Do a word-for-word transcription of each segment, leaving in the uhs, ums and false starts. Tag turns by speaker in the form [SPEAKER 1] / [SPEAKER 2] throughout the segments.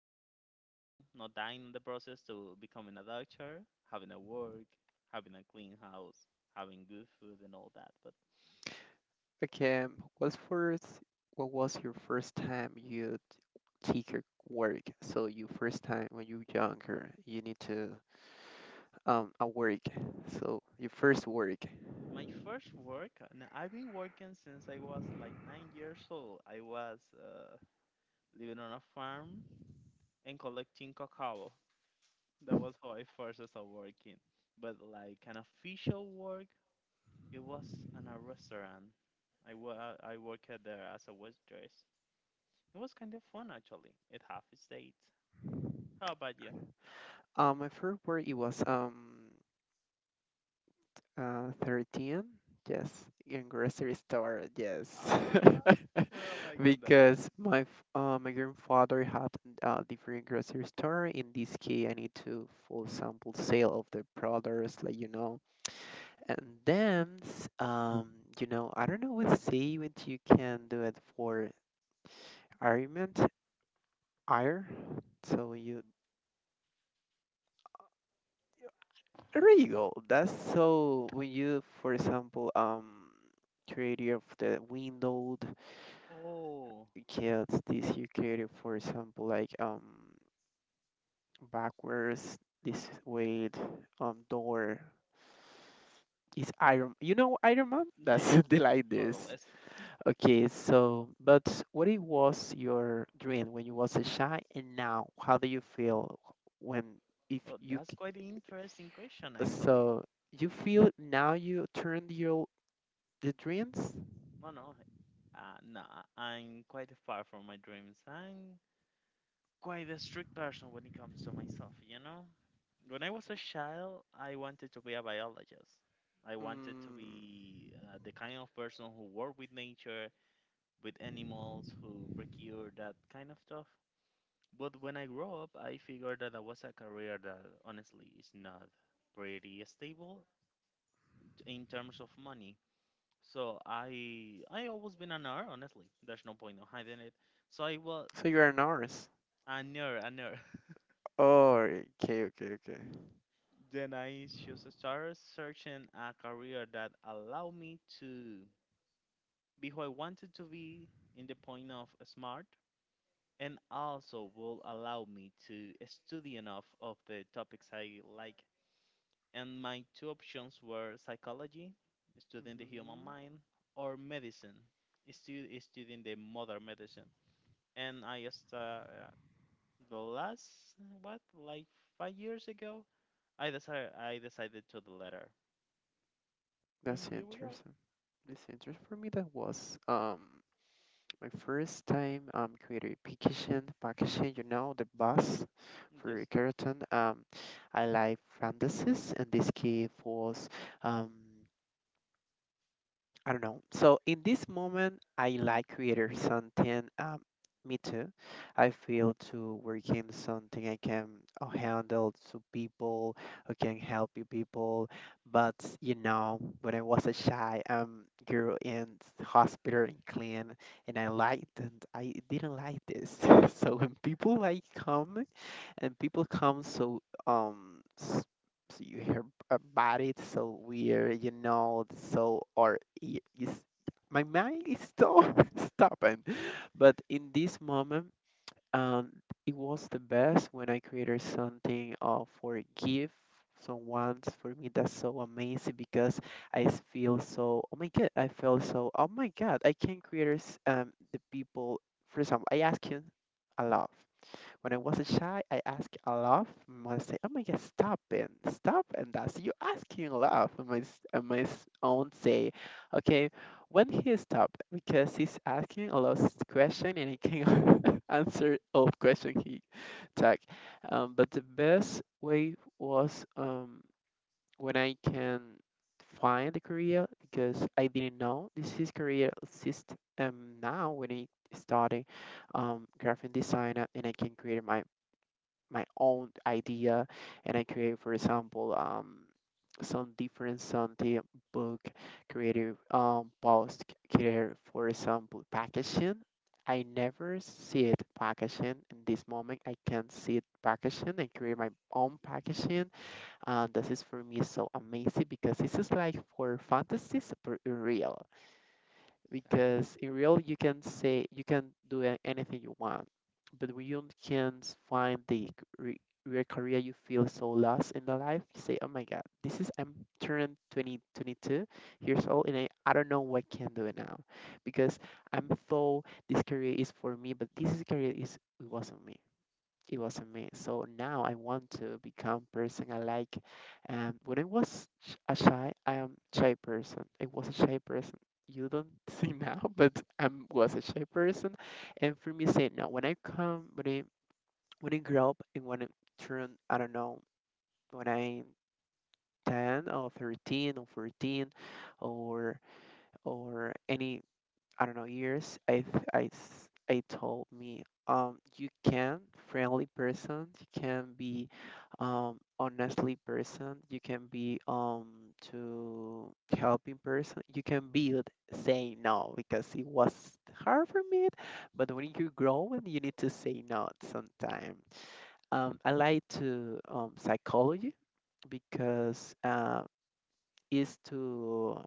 [SPEAKER 1] balance, You know, not dying in the process to becoming a doctor, having a work, having a clean house, having good food, and all that. But
[SPEAKER 2] Okay, what's first, what was your first time you t- take your work? So you first time when you younger, you need to um a work. So your first work.
[SPEAKER 1] my first work, and I've been working since I was like nine years old. I was uh, living on a farm and collecting cacao. That was how I first started working. But like an official work, it was in a restaurant. I, wa- I worked there as a waitress. It was kind of fun actually. It half its date. How about you?
[SPEAKER 2] Um, my first work it was um Uh, thirteen? Yes, in grocery store, yes.
[SPEAKER 1] Ah, we're not liking that.
[SPEAKER 2] Because my f- uh, my grandfather had a different grocery store. In this case, I need to full sample sale of the products, like you know. And then, s- um, you know, I don't know what say what you can do it for argument, ire. So you there you go. That's so when you, for example, um, creative of the window.
[SPEAKER 1] Oh,
[SPEAKER 2] Kids, this you created, for example, like um backwards, this weight, um door is Iron. You know Iron Man?
[SPEAKER 1] yeah, yeah,
[SPEAKER 2] That's the like
[SPEAKER 1] more
[SPEAKER 2] this.
[SPEAKER 1] or less.
[SPEAKER 2] Okay, so but what it was your dream when you was a child, and now how do you feel when if
[SPEAKER 1] Oh,
[SPEAKER 2] you
[SPEAKER 1] that's
[SPEAKER 2] c-
[SPEAKER 1] quite an interesting question actually.
[SPEAKER 2] so you feel now you turned your the dreams?
[SPEAKER 1] No, no, uh, no, I'm quite far from my dreams. I'm quite a strict person when it comes to myself, you know? When I was a child, I wanted to be a biologist. I wanted to
[SPEAKER 2] Mm,
[SPEAKER 1] be uh, the kind of person who work with nature, with animals, who procure that kind of stuff. But when I grew up, I figured that that was a career that honestly is not pretty stable in terms of money. So I I always been an nerd, honestly. There's no point in hiding it. So I was
[SPEAKER 2] so you are an artist.
[SPEAKER 1] a nerd, a nerd.
[SPEAKER 2] Oh, okay, okay, okay.
[SPEAKER 1] Then I just started searching a career that allowed me to be who I wanted to be in the point of smart and also will allow me to study enough of the topics I like. And my two options were psychology, studying the human
[SPEAKER 2] Mhm.
[SPEAKER 1] mind, or medicine, stu- studying the modern medicine. And I just, uh, the last, what, like five years ago, I decided, I decided to the latter. And
[SPEAKER 2] That's
[SPEAKER 1] here we are.
[SPEAKER 2] interesting. That's interesting. For me, that was um my first time um creating packaging, packaging. You know, the bus for
[SPEAKER 1] Yes,
[SPEAKER 2] Keratin. Um, I like fantasies, and this key was um. I don't know. So in this moment, I like creator something. Um, me too. I feel to working something I can uh, handle to people who can help you people. But you know, when I was a shy um girl in s- hospital and clean, and I liked and I didn't like this. So when people like come and people come so um s- so you hear about it so weird, you know, so or I- is my mind is so stubborn. But in this moment, um it was the best when I created something uh, for a gift someone's for me. That's so amazing because I s- feel so, oh my god, I feel so, oh my god, I can create um the people. For example, I ask him a lot. When I was a child, I asked a lot. My mother said, "Oh my God, stop it, stop!" And that's you asking a lot. And my s- and my s- aunt say, "Okay, when he stopped because he's asking a lot of question and he can answer all question he took." Um, but the best way was um, when I can find the career, because I didn't know this is career exist. um now when I started um, graphic designer and I can create my my own idea. And I create, for example, um, some different, on the book creative um, post creator, for example, packaging. I never see it packaging. In this moment, I can see it packaging and create my own packaging. And this is for me so amazing because this is like for fantasies, but real.
[SPEAKER 1] exactly.
[SPEAKER 2] Because in real you can say you can do a- anything you want, but when you can't find the re- real career you feel so lost in the life. You say, oh my god, this is, I'm turning twenty twenty two. twenty-two years old and I, I don't know what I can do it now, because I'm thought this career is for me but this is career is it wasn't me. It
[SPEAKER 1] Hmm.
[SPEAKER 2] wasn't me. So now I want to become person I like. And when I was sh- a shy, I am shy person. I was a shy person. You don't see now, but I was a shy person. And for me, say no. When I come, when I when I grow up and when I turn, I don't know, when I ten or thirteen or fourteen or or any I don't know years, I th- I s- I told me um you can friendly person, you can be um honestly person, you can be um to helping person, you can be with saying no because it was hard for me, but when you grow and you need to say no sometimes. Um, I like to um psychology because uh, is to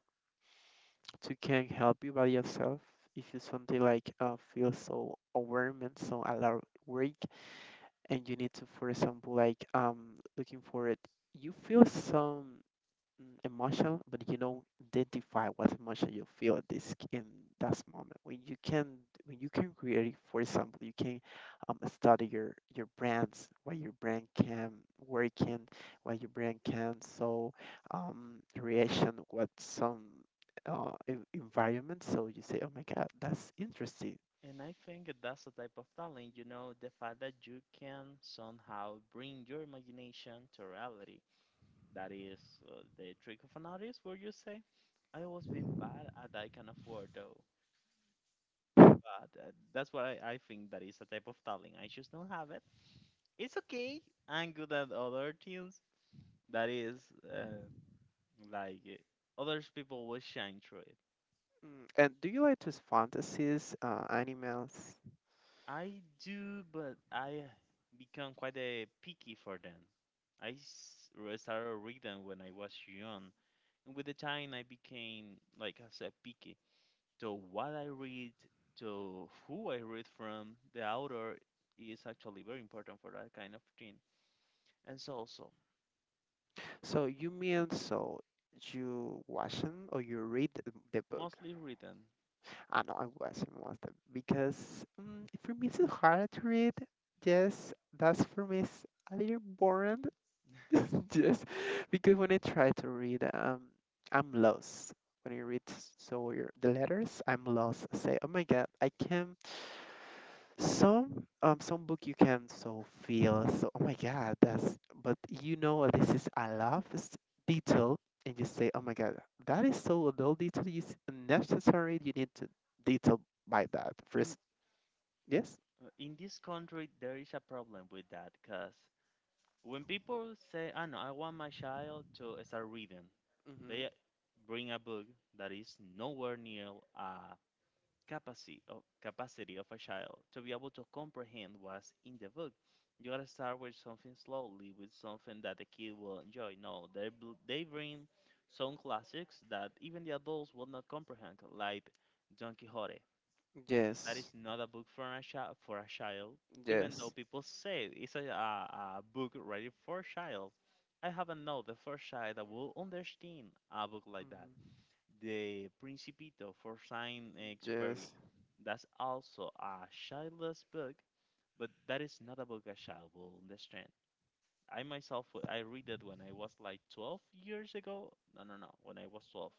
[SPEAKER 2] to can help you by yourself if you something like uh, feel so overwhelmed so a lot of work and you need to for example like um looking for it. You feel some, mm, emotional, but you don't identify what emotion you feel at this in that moment. When you can, when you can create, for example, you can um, study your your brains, what your brain can work in, what your brain can so um, reaction what some uh, en- environment. So you say, oh my god, that's interesting.
[SPEAKER 1] And I think that's a type of talent, you know, the fact that you can somehow bring your imagination to reality. That is uh, the trick of an artist, where you say, I was being bad at that kind of word, though. But uh, that's why I, I think that is a type of talent. I just don't have it. It's okay. I'm good at other things. That is, uh, like, uh, others people will shine through it.
[SPEAKER 2] Mm, and do you like to fantasies, uh, animals?
[SPEAKER 1] I do, but I become quite a picky for them. I s- re- started reading when I was young, and with the time I became, like I said, picky. So what I read, to who I read from, the author is actually very important for that kind of thing. And so also,
[SPEAKER 2] So you mean so you watch them or you read the the book?
[SPEAKER 1] mostly reading.
[SPEAKER 2] I know I wasn't most of because um, for me it's hard to read. Yes, that's for me is a little boring. Yes, because when I try to read, um, I'm lost. When I read so your- the letters, I'm lost. I say, oh my God, I can some um some book you can so feel so, oh my god, that's, but you know this is a lot of s- detail. And you say, oh my god, that is so little detail is necessary. You need to detail by that first.
[SPEAKER 1] In
[SPEAKER 2] Yes.
[SPEAKER 1] uh, in this country there is a problem with that because when people say, I know I want my child to start reading. They
[SPEAKER 2] Hmm.
[SPEAKER 1] bring a book that is nowhere near a capacity of, capacity of a child to be able to comprehend what's in the book. You gotta start with something slowly, with something that the kid will enjoy. No, they bl- they bring some classics that even the adults will not comprehend, like Don Quixote. That
[SPEAKER 2] Yes,
[SPEAKER 1] is not a book for a child. For a child, even though
[SPEAKER 2] yes.
[SPEAKER 1] people say it's a, a, a book ready for child, I haven't know the first child that will understand a book like that.
[SPEAKER 2] Mhm.
[SPEAKER 1] The Principito for Saint-Exupéry.
[SPEAKER 2] Yes.
[SPEAKER 1] That's also a childless book, but that is not a book a child will understand. I myself, w- I read it when I was like twelve years ago. No, no, no, when I was twelve.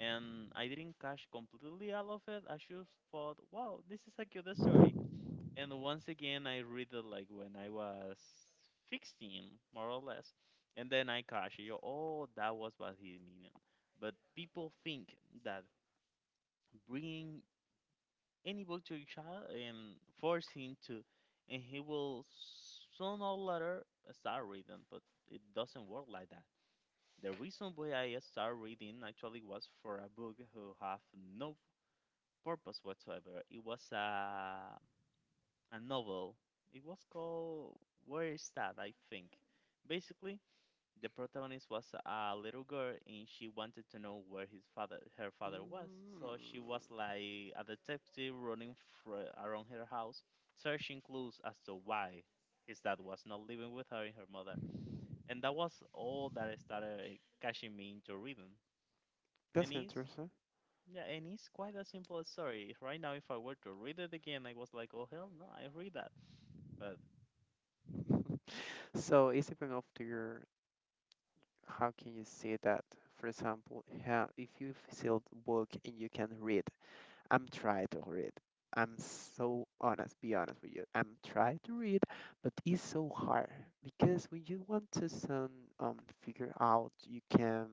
[SPEAKER 1] And I didn't catch completely all of it. I just thought, wow, this is a cute story. And once again, I read it like when I was sixteen, more or less. And then I catch it. Oh, that was what he meant. But people think that bringing anybody to each other and forcing to, and he will sooner or later start reading, but it doesn't work like that. The reason why I started reading actually was for a book who have no purpose whatsoever. It was a a novel. It was called Where is that? I think. Basically, the protagonist was a little girl and she wanted to know where his father her father was.
[SPEAKER 2] Mm,
[SPEAKER 1] So she was like a detective running fr- around her house searching clues as to why his dad was not living with her and her mother. And that was all that started catching me into reading. And
[SPEAKER 2] that's
[SPEAKER 1] it's
[SPEAKER 2] interesting.
[SPEAKER 1] yeah, and it's quite a simple story. Right now if I were to read it again I was like, oh hell no, I read that. But
[SPEAKER 2] So it's depend of to your how can you say that? For example, how if you feel book and you can read. I'm trying to read. I'm so honest, be honest with you. I'm trying to read, but it's so hard because when you want to some um figure out, you can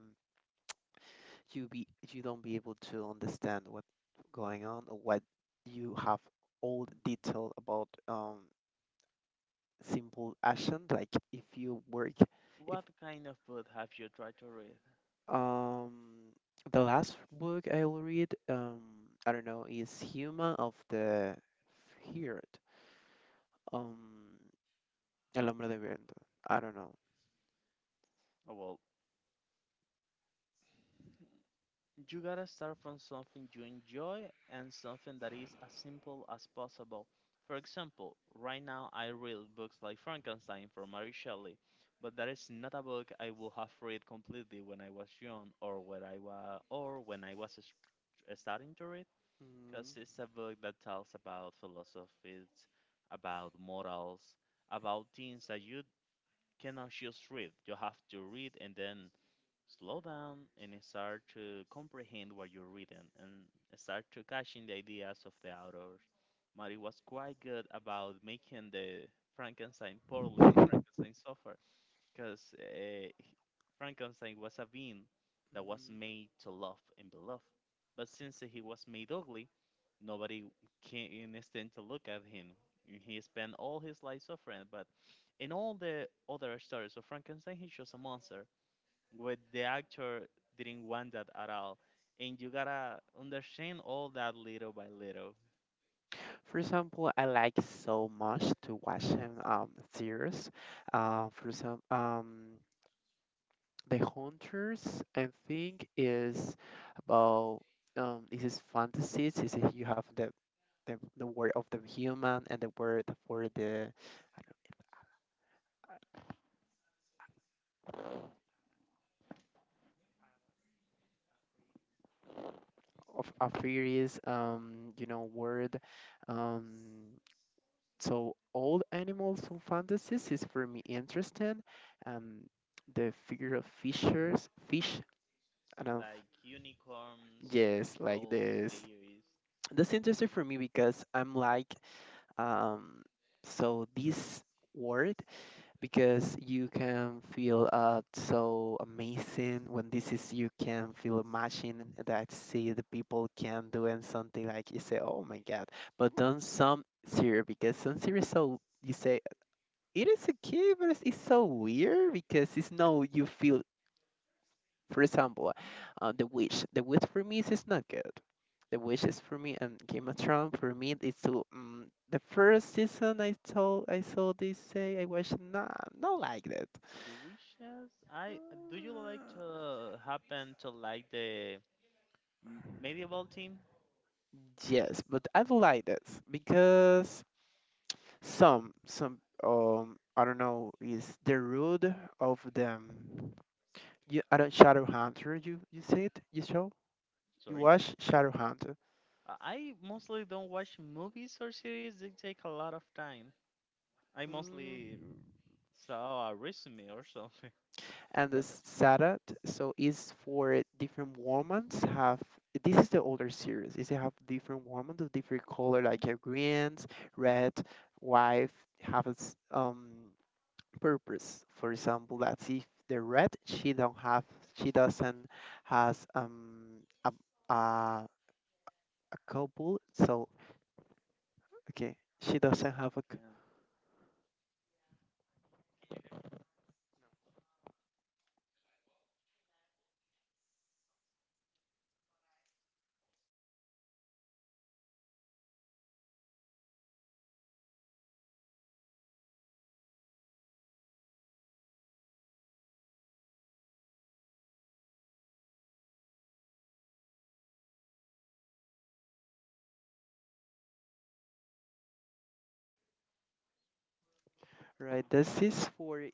[SPEAKER 2] you be you don't be able to understand what's going on or what you have all the detail about um simple action. Like if you work, if
[SPEAKER 1] what kind of book have you tried to read?
[SPEAKER 2] um the last book I will read um I don't know is Human of the Heard. Um, El Hombre de Viento. I don't know.
[SPEAKER 1] Oh, well, you gotta start from something you enjoy and something that is as simple as possible. For example, right now I read books like Frankenstein from Mary Shelley, but that is not a book I would have read completely when I was young or when I was or when I was s- starting to read,
[SPEAKER 2] Mm.
[SPEAKER 1] because it's a book that tells about philosophies, about morals, about things that you cannot just read. You have to read and then slow down and start to comprehend what you're reading and start to catching the ideas of the authors. Mari was quite good about making the Frankenstein, poor little Frankenstein, suffer because uh, Frankenstein was a being that was made to love and be loved. But since he was made ugly, nobody can stand to look at him. And he spent all his life suffering, but in all the other stories of Frankenstein, he's just a monster where the actor didn't want that at all. And you gotta understand all that little by little.
[SPEAKER 2] For example, I like so much to watch him um series. Uh, for some um The Hunters, I think is about um this is fantasies. This is you have the the, the, word of the human and the word for the of a furious um you know word um so all animals and fantasies is for me interesting. Um, the figure of fishers, fish, and of
[SPEAKER 1] Like unicorns,
[SPEAKER 2] yes, like
[SPEAKER 1] trolls,
[SPEAKER 2] this.
[SPEAKER 1] fairies,
[SPEAKER 2] That's interesting for me because I'm like, um, so this word because you can feel uh so amazing when this is you can feel imagine that see the people can do and something like you say, oh my god, but don't some serious because some serious so you say it is a okay, but it's, it's so weird because it's no you feel. For example, uh, the witch. The witch for me is is not good. The witch is for me and Game of Thrones for me is too. Um, the first season I told I saw this say I watched nah, not like that.
[SPEAKER 1] the wishes. I Do you like
[SPEAKER 2] Uh,
[SPEAKER 1] to happen to like the m- medieval team?
[SPEAKER 2] Yes, but I do like this because some some um I don't know is the root of them. You I don't Shadowhunter you you see it you show you
[SPEAKER 1] Sorry.
[SPEAKER 2] watch Shadowhunter.
[SPEAKER 1] I I mostly don't watch movies or series. They take a lot of time. I mostly
[SPEAKER 2] Mm.
[SPEAKER 1] saw a resume or something.
[SPEAKER 2] And the
[SPEAKER 1] But
[SPEAKER 2] Sadat, so is for different women's have this is the older series. Is they have different women of different
[SPEAKER 1] all
[SPEAKER 2] color,
[SPEAKER 1] right.
[SPEAKER 2] like uh, greens, red, white, have its um purpose. For example, that's if the red she don't have, she doesn't has um a a, a couple. So okay, she
[SPEAKER 1] One
[SPEAKER 2] doesn't have a c-
[SPEAKER 1] second.
[SPEAKER 2] right. This is for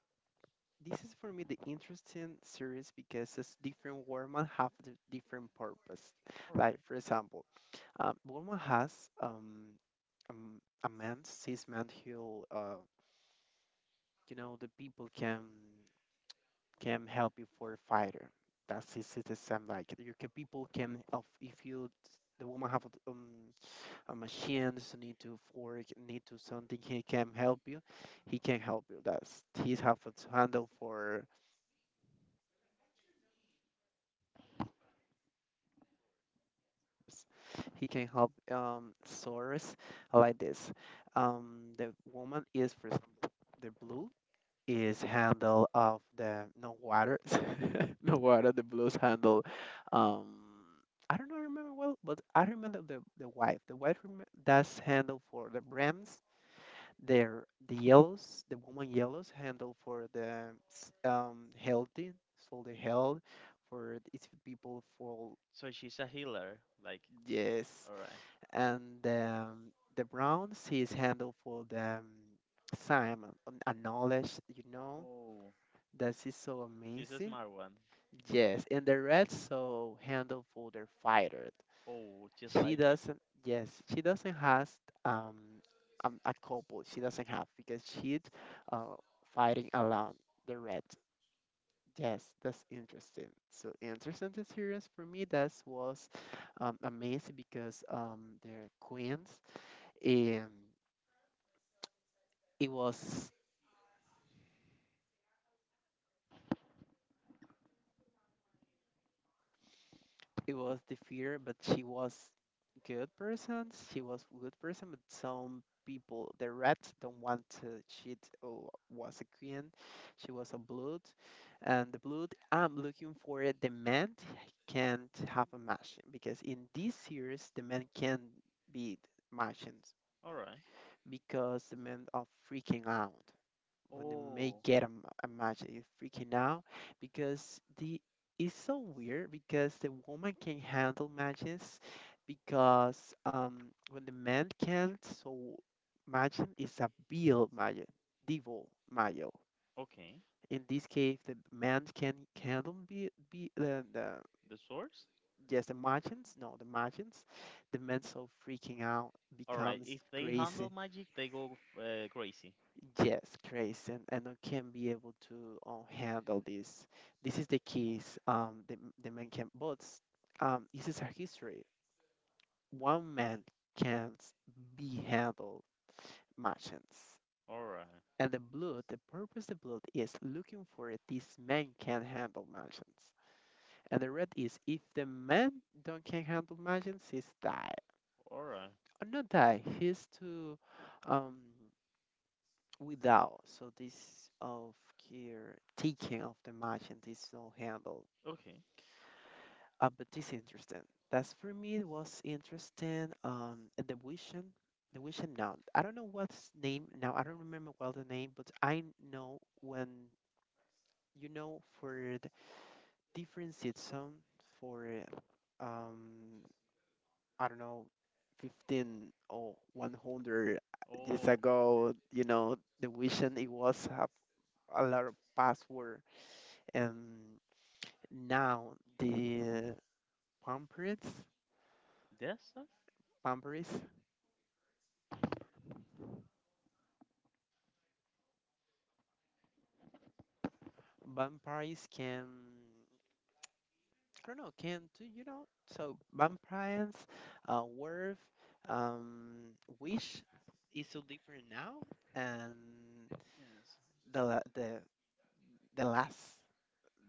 [SPEAKER 2] this is for me the interesting series because it's different Warman have the different purpose.
[SPEAKER 1] All right.
[SPEAKER 2] Like for example, um, Warman has um, um a man, cis man who uh, you know the people can can help you for a fighter. That's his is the same like you can people can of if you the woman have um, a machine so need to fork need to something he can help you he
[SPEAKER 1] All
[SPEAKER 2] can help
[SPEAKER 1] right.
[SPEAKER 2] you that's he's have to handle for. He can help um, source like this. Um, the woman is, for example, the blue is handle of the no water, no water. The blues handle. Um, I don't know, remember well, but I remember the the wife. The wife rem- that's handle for the brams. There, the yellows, the woman yellows handle for the s- um healthy, so the health for these people for,
[SPEAKER 1] So she's a healer. Like,
[SPEAKER 2] yes,
[SPEAKER 1] all right.
[SPEAKER 2] and um, the Browns he's handled for the um, Simon, um, a knowledge you know
[SPEAKER 1] Oh.
[SPEAKER 2] that is so
[SPEAKER 1] She's a
[SPEAKER 2] amazing,
[SPEAKER 1] smart one.
[SPEAKER 2] yes, and the Reds so handled for their fighter,
[SPEAKER 1] Oh. Just
[SPEAKER 2] she
[SPEAKER 1] like it.
[SPEAKER 2] doesn't, yes, she doesn't has um, um a couple she doesn't have because she's uh, fighting alone, the red, yes, that's interesting, so interesting to series for me that was um, amazing because um they're queens and it was it was the fear, but she was good person. She was good person, but some people, the rats, don't want to. She t- oh, was a queen. She was a blood, and the blood. I'm looking for it. The man can't have a machine because in this series, the man can be machines
[SPEAKER 1] All right.
[SPEAKER 2] because the men are freaking out when they may
[SPEAKER 1] Oh.
[SPEAKER 2] get a, m- a match, you're freaking out because the it's so weird because the woman can handle matches because um when the man can't, so imagine is a bill male, devil male.
[SPEAKER 1] Okay.
[SPEAKER 2] In this case, the man can handle be, be the, the
[SPEAKER 1] The source?
[SPEAKER 2] yes, the margins, no, the margins, the man so freaking out
[SPEAKER 1] All right.
[SPEAKER 2] becomes
[SPEAKER 1] If they handle
[SPEAKER 2] crazy.
[SPEAKER 1] magic, they go uh, crazy.
[SPEAKER 2] Yes, Grace, and, and I can be able to um, handle this. This is the keys. Um, the the man can, but s- um, this is a history. One man can't be handled merchants,
[SPEAKER 1] All right.
[SPEAKER 2] and the blood. The purpose the blood is looking for it. This man can handle merchants, and the red is if the man don't can handle merchants, he's die.
[SPEAKER 1] All right.
[SPEAKER 2] Or not die. He's to um without. So this of here taking of the match and this no handle.
[SPEAKER 1] Okay.
[SPEAKER 2] Uh, but this interesting. That's for me it was interesting. Um, and the vision, the vision now. I don't know what's name now. I don't remember well the name, but I know when you know for the different season for uh, um I don't know. fifteen or one hundred years
[SPEAKER 1] Oh.
[SPEAKER 2] ago, you know, the vision it was have a lot of password. And now the vampires,
[SPEAKER 1] That's
[SPEAKER 2] vampires, vampires can I don't know can do you know so vampires, uh, werf, um, wish is so different now, and
[SPEAKER 1] yes.
[SPEAKER 2] the la- the the last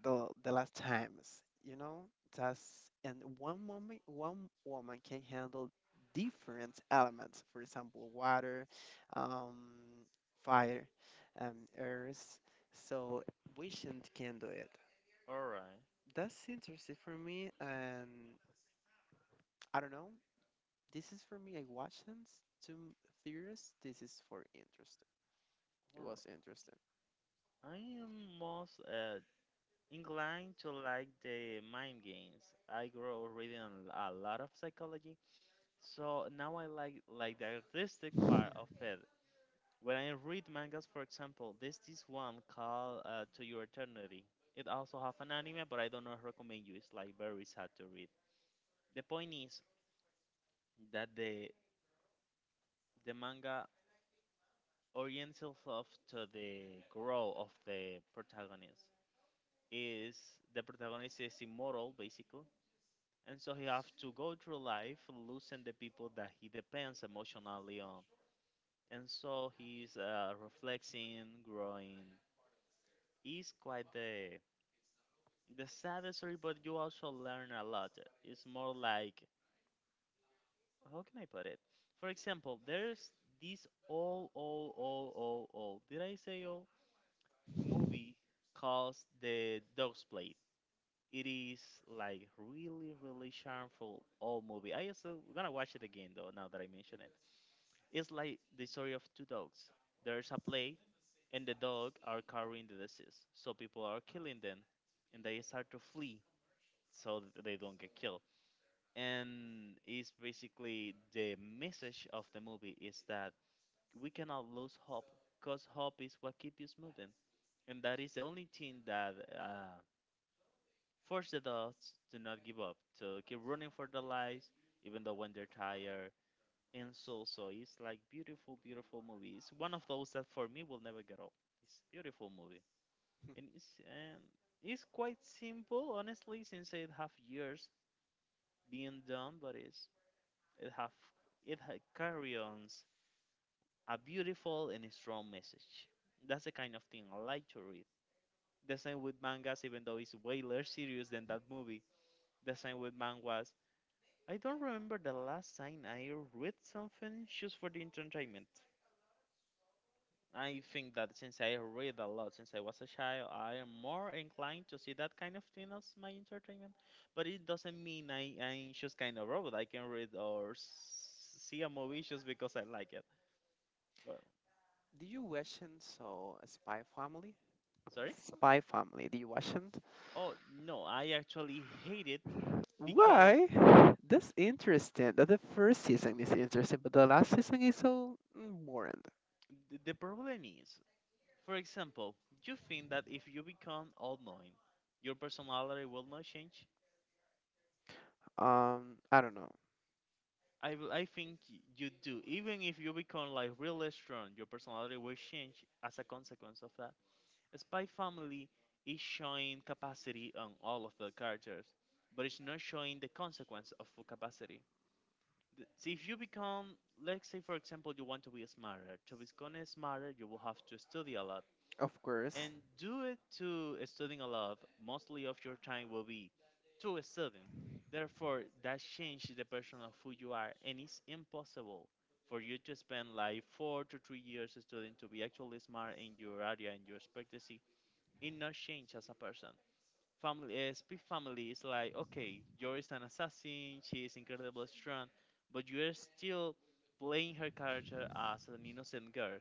[SPEAKER 2] the the last times you know that's and one woman one woman can handle different elements, for example water, um fire, um earth, so patient can do it.
[SPEAKER 1] All right.
[SPEAKER 2] That's interesting for me and I don't know, this is for me I watched two theories, this is for interesting,
[SPEAKER 1] All
[SPEAKER 2] it
[SPEAKER 1] right.
[SPEAKER 2] was interesting.
[SPEAKER 1] I am most uh, inclined to like the mind games. I grew up reading a l- a lot of psychology, so now I like like the artistic part of it. When I read mangas, for example, there's this one called uh, To Your Eternity. It also have an anime, but I don't know recommend you. It's like very sad to read. The point is that the the manga orients itself to the growth of the protagonist. Is The protagonist is immortal basically. And so he have to go through life losing the people that he depends emotionally on. And so he's uh, reflecting, growing. It's quite the the saddest story, but you also learn a lot. It's more like, how can I put it? For example, there's this all all all all all did I say all movie called The Dog's Plate. It is like really really charmful old movie. I also gonna watch it again though now that I mention it. It's like the story of two dogs. There's a plague, and the dog are carrying the disease, so people are killing them, and they start to flee so that they don't get killed. And it's basically, the message of the movie is that we cannot lose hope, cause hope is what keeps us moving, and that is the only thing that uh, forces the dogs to not give up, to keep running for their lives, even though when they're tired and so, so it's like beautiful, beautiful movie. It's one of those that for me will never get old. It's a beautiful movie, and it's and it's quite simple, honestly, since it have years being done, but it's it have it ha- carry on a beautiful and a strong message. That's the kind of thing I like to read. The same with mangas, even though it's way less serious than that movie. The same with mangas. I don't remember the last time I read something just for the entertainment. I think that since I read a lot since I was a child, I am more inclined to see that kind of thing as my entertainment. But it doesn't mean I, I'm just kind of robot. I can read or s- see a movie just because I like it. Well,
[SPEAKER 2] Do you watch and so spy family?
[SPEAKER 1] sorry?
[SPEAKER 2] Spy family, do you watch it?
[SPEAKER 1] Oh, no, I actually hate it because
[SPEAKER 2] Why? That's interesting. That the first season is interesting, but the last season is so mm, boring.
[SPEAKER 1] th- the problem is, for example, you think that if you become all knowing, your personality will not change?
[SPEAKER 2] Um, I don't know.
[SPEAKER 1] I will- I think y- you do. Even if you become like really strong, your personality will change as a consequence of that. Spy Family is showing capacity on all of the characters, but it's not showing the consequence of full capacity. Th- See, if you become, let's say for example, you want to be smarter. To become smarter, you will have to study a lot
[SPEAKER 2] Of course,
[SPEAKER 1] and do it to studying a lot. Mostly of your time will be to studying. Therefore, that changes the person of who you are, and it's impossible for you to spend like four to three years studying to be actually smart in your area and your expertise. It not change as a person. Family, uh, speak family is like okay, you're is an assassin. She is incredibly strong, but you are still playing her character as an innocent girl.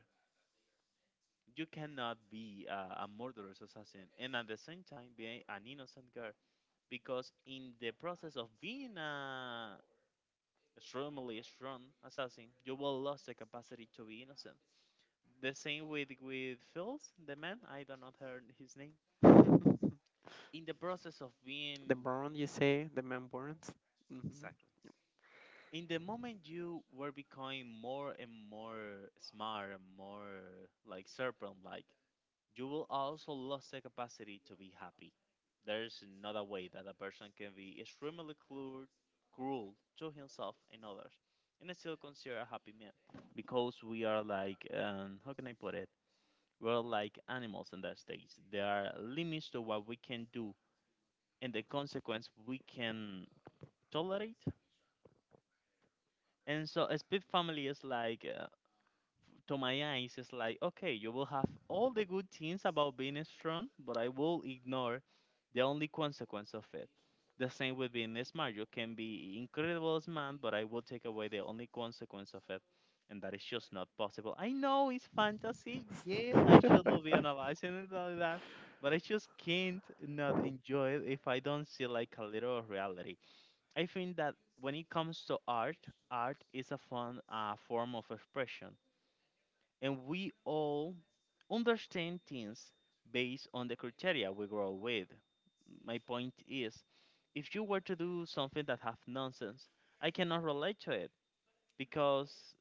[SPEAKER 1] You cannot be a, a murderous assassin and at the same time be an innocent girl, because in the process of being a extremely strong assassin, you will lose the capacity to be innocent. The same with with Phils, the man. I do not heard his name. In the process of
[SPEAKER 2] the
[SPEAKER 1] being.
[SPEAKER 2] burn you say, the man burns. Hmm.
[SPEAKER 1] Exactly. In the moment you were becoming more and more smart and more like serpent like, you will also lose the capacity to be happy. There's another way that a person can be extremely cruel, cruel to himself and others, and still consider a happy man, because we are like, um, how can I put it? We're like animals in that stage. There are limits to what we can do and the consequence we can tolerate. And so, a split family is like, to my eyes, it's like okay, you will have all the good things about being strong, but I will ignore the only consequence of it. The same with being smart, you can be incredible smart, but I will take away the only consequence of it. And that is just not possible. I know it's fantasy, yes, I should not be analyzing it like that, but I just can't not enjoy it if I don't see like a little of reality. I think that when it comes to art, art is a fun uh, form of expression, and we all understand things based on the criteria we grow up with. My point is, if you were to do something that have nonsense, I cannot relate to it because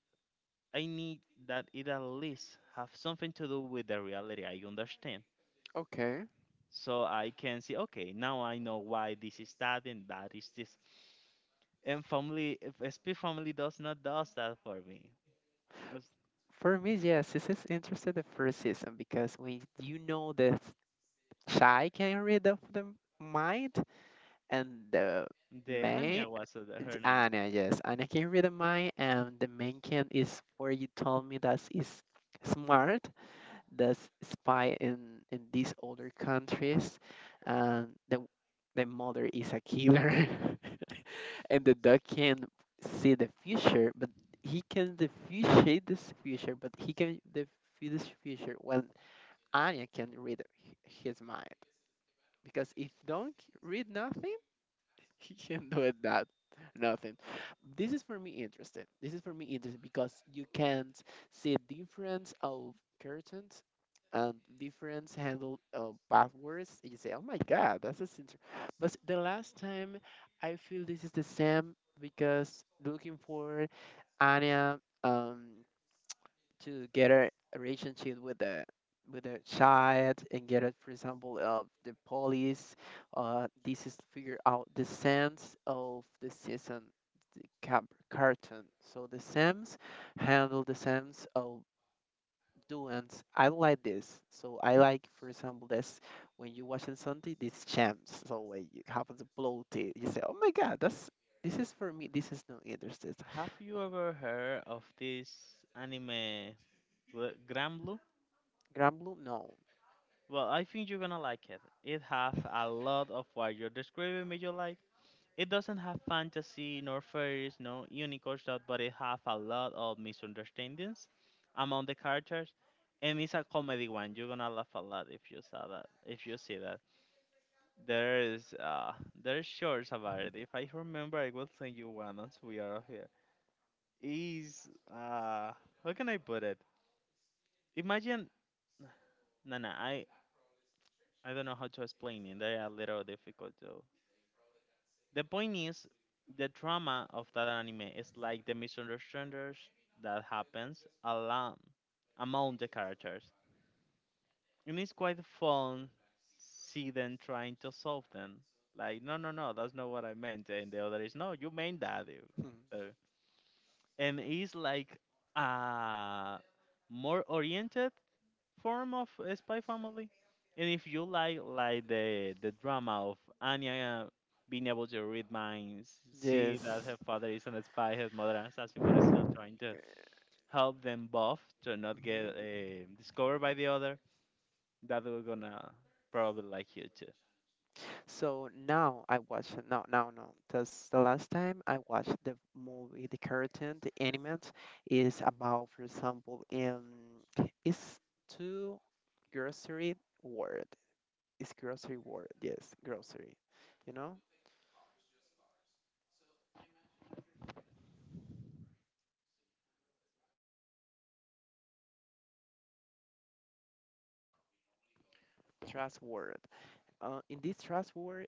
[SPEAKER 1] I need that it at least have something to do with the reality I understand.
[SPEAKER 2] Okay.
[SPEAKER 1] So I can see, okay, now I know why this is that and that is this. And family, if S P family does not does that for me. Was-
[SPEAKER 2] For me, yes, this is interesting the first season because when you know the shy can read of the mind and the
[SPEAKER 1] The
[SPEAKER 2] main,
[SPEAKER 1] Anya was uh, her name.
[SPEAKER 2] Anya, yes, Anya can read the mind and the main can is where you told me that is smart, the s- spy in in these older countries and the the mother is a killer. And the dog can see the future but he can diffuse this future but he can diffuse this future when Anya can read h- his mind because if don't read nothing. He can do it that nothing. This is for me interesting. This is for me interesting because you can't see difference of curtains and difference handle of passwords. You say, "Oh my God, that's a interesting." But the last time, I feel this is the same because looking for Anya. Um, to get a a relationship with a with a child and get it for example of the police, uh this is to figure out the sense of the season, the cap, cartoon, so the sims handle the sense of doings. I like this, so I like for example this when you watching something this champs, so when you happen to blow it, you say, oh my god, that's this is for me, this is not interested.
[SPEAKER 1] Have you ever heard of this anime, Bl- Grand Blue?
[SPEAKER 2] Granblue, no.
[SPEAKER 1] Well, I think you're gonna like it. It has a lot of what you're describing me you like. It doesn't have fantasy, nor fairies, no unicorns, that- but it has a lot of misunderstandings among the characters. And it's a comedy one. You're gonna laugh a lot if you saw that. If you see that, there is uh, there's shorts about it. If I remember, I will send you one once we are off here. Is, uh, how can I put it? Imagine, no, no, I, I don't know how to explain it. They are a little difficult though. The point is, the drama of that anime is like the misunderstandings that happens along among the characters, and it's quite fun see them trying to solve them. Like, no, no, no, that's not what I meant, and the other is, no, you meant that. You-
[SPEAKER 2] Hmm.
[SPEAKER 1] So, and it's like uh more oriented form of a Spy Family. And if you like like the the drama of Anya, uh, being able to read minds, see that her
[SPEAKER 2] Yes.
[SPEAKER 1] father is an spy, her mother an assassin, but is still trying to help them both to not get uh, discovered by the other, that we're gonna probably like you too.
[SPEAKER 2] So now I watch, no, no, no. That's the last time I watched the movie, the cartoon, the animate is about, for example, um, it's two grocery word. It's grocery word. Yes, grocery. You know, trust word. Uh, in this trust word,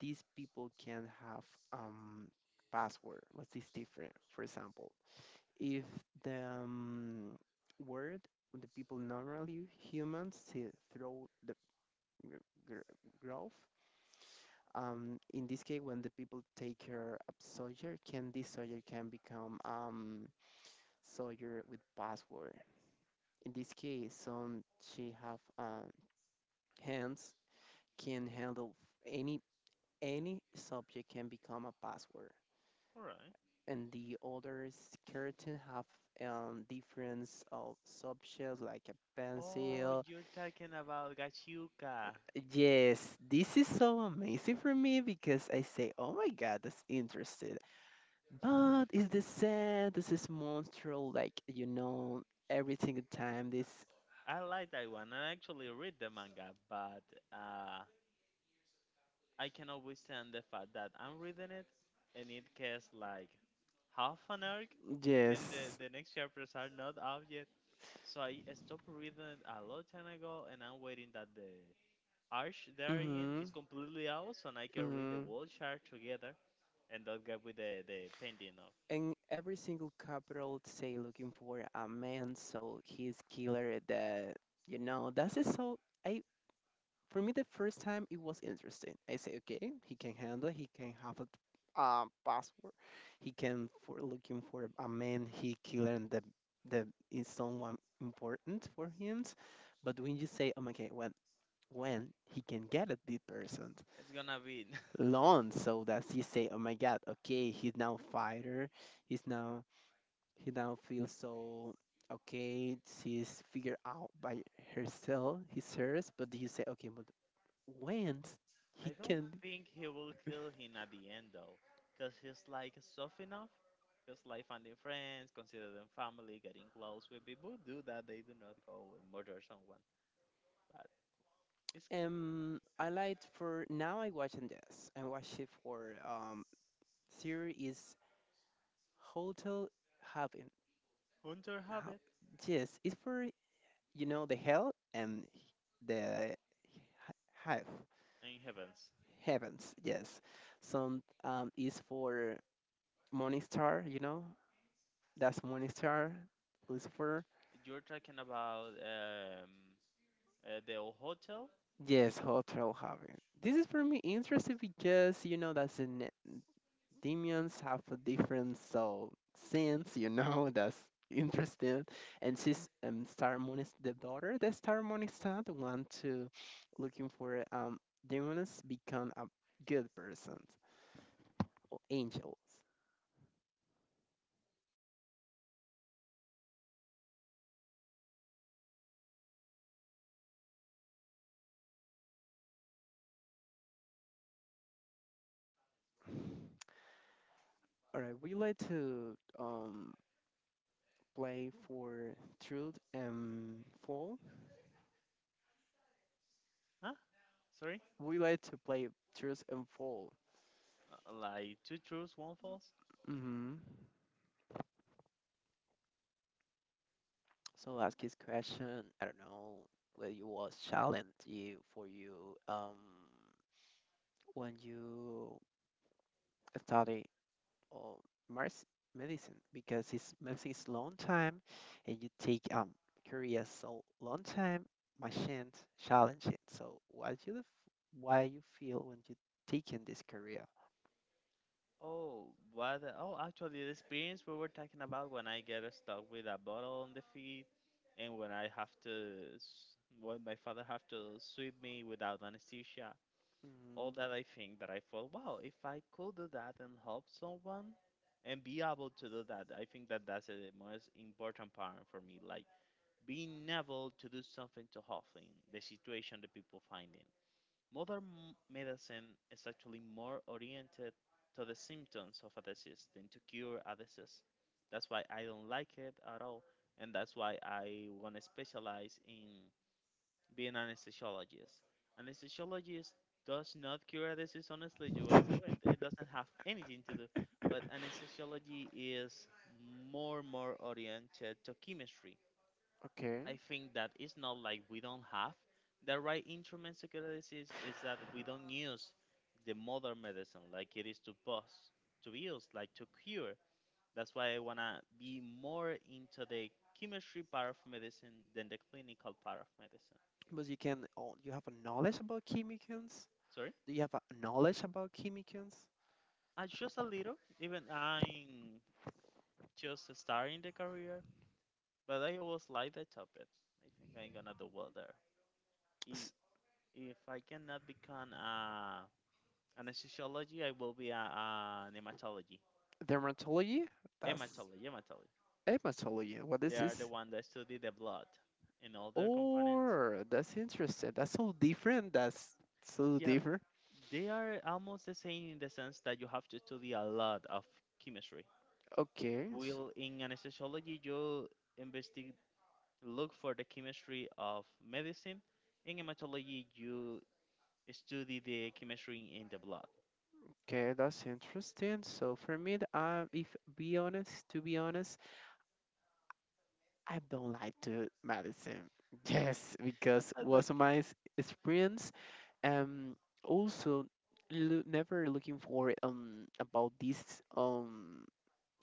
[SPEAKER 2] these people can have um password. What's this different? For example, if the um, word the people normally humans see through the gr- gr- growth, um, in this case when the people take care of soldier can this soldier can become um, soldier with password in this case some she have um, hands can handle any any subject can become a password
[SPEAKER 1] All right.
[SPEAKER 2] and the other keratin have um difference of subjects like a
[SPEAKER 1] Oh,
[SPEAKER 2] pencil.
[SPEAKER 1] you're talking about Gachuka.
[SPEAKER 2] Yes, this is so amazing for me because I say, oh my god, that's interesting. But it's the sad? This is monstral, like you know, every single time. This
[SPEAKER 1] I like that one. I actually read the manga, but uh, I cannot withstand the fact that I'm reading it and it gets like half an arc, and the,
[SPEAKER 2] yes.
[SPEAKER 1] the next chapters are not out yet. So I stopped reading it a long time ago and I'm waiting that the arc they're in
[SPEAKER 2] Mm-hmm.
[SPEAKER 1] is completely out so I can read the
[SPEAKER 2] Mm-hmm.
[SPEAKER 1] whole chart together and don't get with the, the painting of.
[SPEAKER 2] And every single capital say looking for a man, so he's killer. That you know, that's it. So I, for me, the first time it was interesting. I say, okay, he can handle. He can have a uh, password. He can for looking for a man. He killing the the is someone important for him. But when you say, oh my god, when when he can get a deep person
[SPEAKER 1] It's gonna be.
[SPEAKER 2] alone, so that he say, oh my god, okay, he's now fighter. He's now he now feels so okay. She's figured out by herself. He's hers. But you say, okay, but when
[SPEAKER 1] I
[SPEAKER 2] he
[SPEAKER 1] don't
[SPEAKER 2] can,
[SPEAKER 1] think he will kill him at the end though, because he's like soft enough. Just like finding friends, consider them family, getting close with people. Do that, they do not go and murder someone. But it's
[SPEAKER 2] um, I like for now. I watching this. I watch it for um series is Hotel Haven.
[SPEAKER 1] hunter
[SPEAKER 2] Ha-
[SPEAKER 1] habit
[SPEAKER 2] Yes, it's for you know the hell and the have
[SPEAKER 1] in heavens.
[SPEAKER 2] heavens. Yes, some um is for Morningstar. You know that's Morningstar. Lucifer.
[SPEAKER 1] You're talking about um, uh, the old hotel,
[SPEAKER 2] Yes, Hotel Haven. This is for me interesting because you know that's in demons have a different soul sins, you know, that's interesting. And she's um Star Moon is the daughter, the Star Moon is not the one to looking for um demons become a good person or angels. All right, we like to um play for truth and fall.
[SPEAKER 1] huh? Sorry,
[SPEAKER 2] We like to play truth and fall.
[SPEAKER 1] Uh, like two truths, one false.
[SPEAKER 2] Mm-hmm. So ask his question. I don't know whether you was challenge you for you um when you study or merc- medicine because it's medicine is long time and you take um curious so long time machine challenge it. So why you why you feel when you taking this career?
[SPEAKER 1] Oh, what? the- Oh, actually, the experience we were talking about when I get stuck with a bottle on the feet, and when I have to, s- when my father have to sweep me without anesthesia. All
[SPEAKER 2] Mm,
[SPEAKER 1] that, I think that I thought, wow, if I could do that and help someone, and be able to do that, I think that that's the most important part for me, like being able to do something to help in the situation the people finding. Modern medicine is actually more oriented to the symptoms of a disease than to cure a disease. That's why I don't like it at all, and that's why I want to specialize in being an anesthesiologist. Anesthesiologist does not cure a disease, honestly. You wanna say, wait, it doesn't have anything to do. But anesthesiology is more more oriented to chemistry.
[SPEAKER 2] okay,
[SPEAKER 1] I think that it's not like we don't have the right instrument psychoanalysis, is that we don't use the modern medicine like it is to bust, to use, like to cure. That's why I wanna be more into the chemistry part of medicine than the clinical part of medicine.
[SPEAKER 2] but you can oh, you have a knowledge about chemicals.
[SPEAKER 1] Sorry?
[SPEAKER 2] Do you have a knowledge about chemicals?
[SPEAKER 1] Uh, just a little. Even I'm just starting the career, but I always like the topic. I think I'm gonna do well there. I- If I cannot become a anesthesiology, I will be a, an hematology.
[SPEAKER 2] Dermatology? That's
[SPEAKER 1] Hematology, hematology.
[SPEAKER 2] hematology. What
[SPEAKER 1] They
[SPEAKER 2] is
[SPEAKER 1] are the
[SPEAKER 2] this?
[SPEAKER 1] one that study the blood and all their components.
[SPEAKER 2] Or that's interesting. That's so different. That's so
[SPEAKER 1] Yeah,
[SPEAKER 2] different.
[SPEAKER 1] they are almost the same in the sense that you have to study a lot of chemistry.
[SPEAKER 2] Okay. s-
[SPEAKER 1] Will in anesthesiology you investigate, look for the chemistry of medicine. In hematology, you study the chemistry in the blood.
[SPEAKER 2] Okay, that's interesting. So for me, th- uh, if be honest, to be honest, I don't like to medicine. Yes, because
[SPEAKER 1] That's okay.
[SPEAKER 2] was my s- experience. Um, also, loo- never looking for um about this um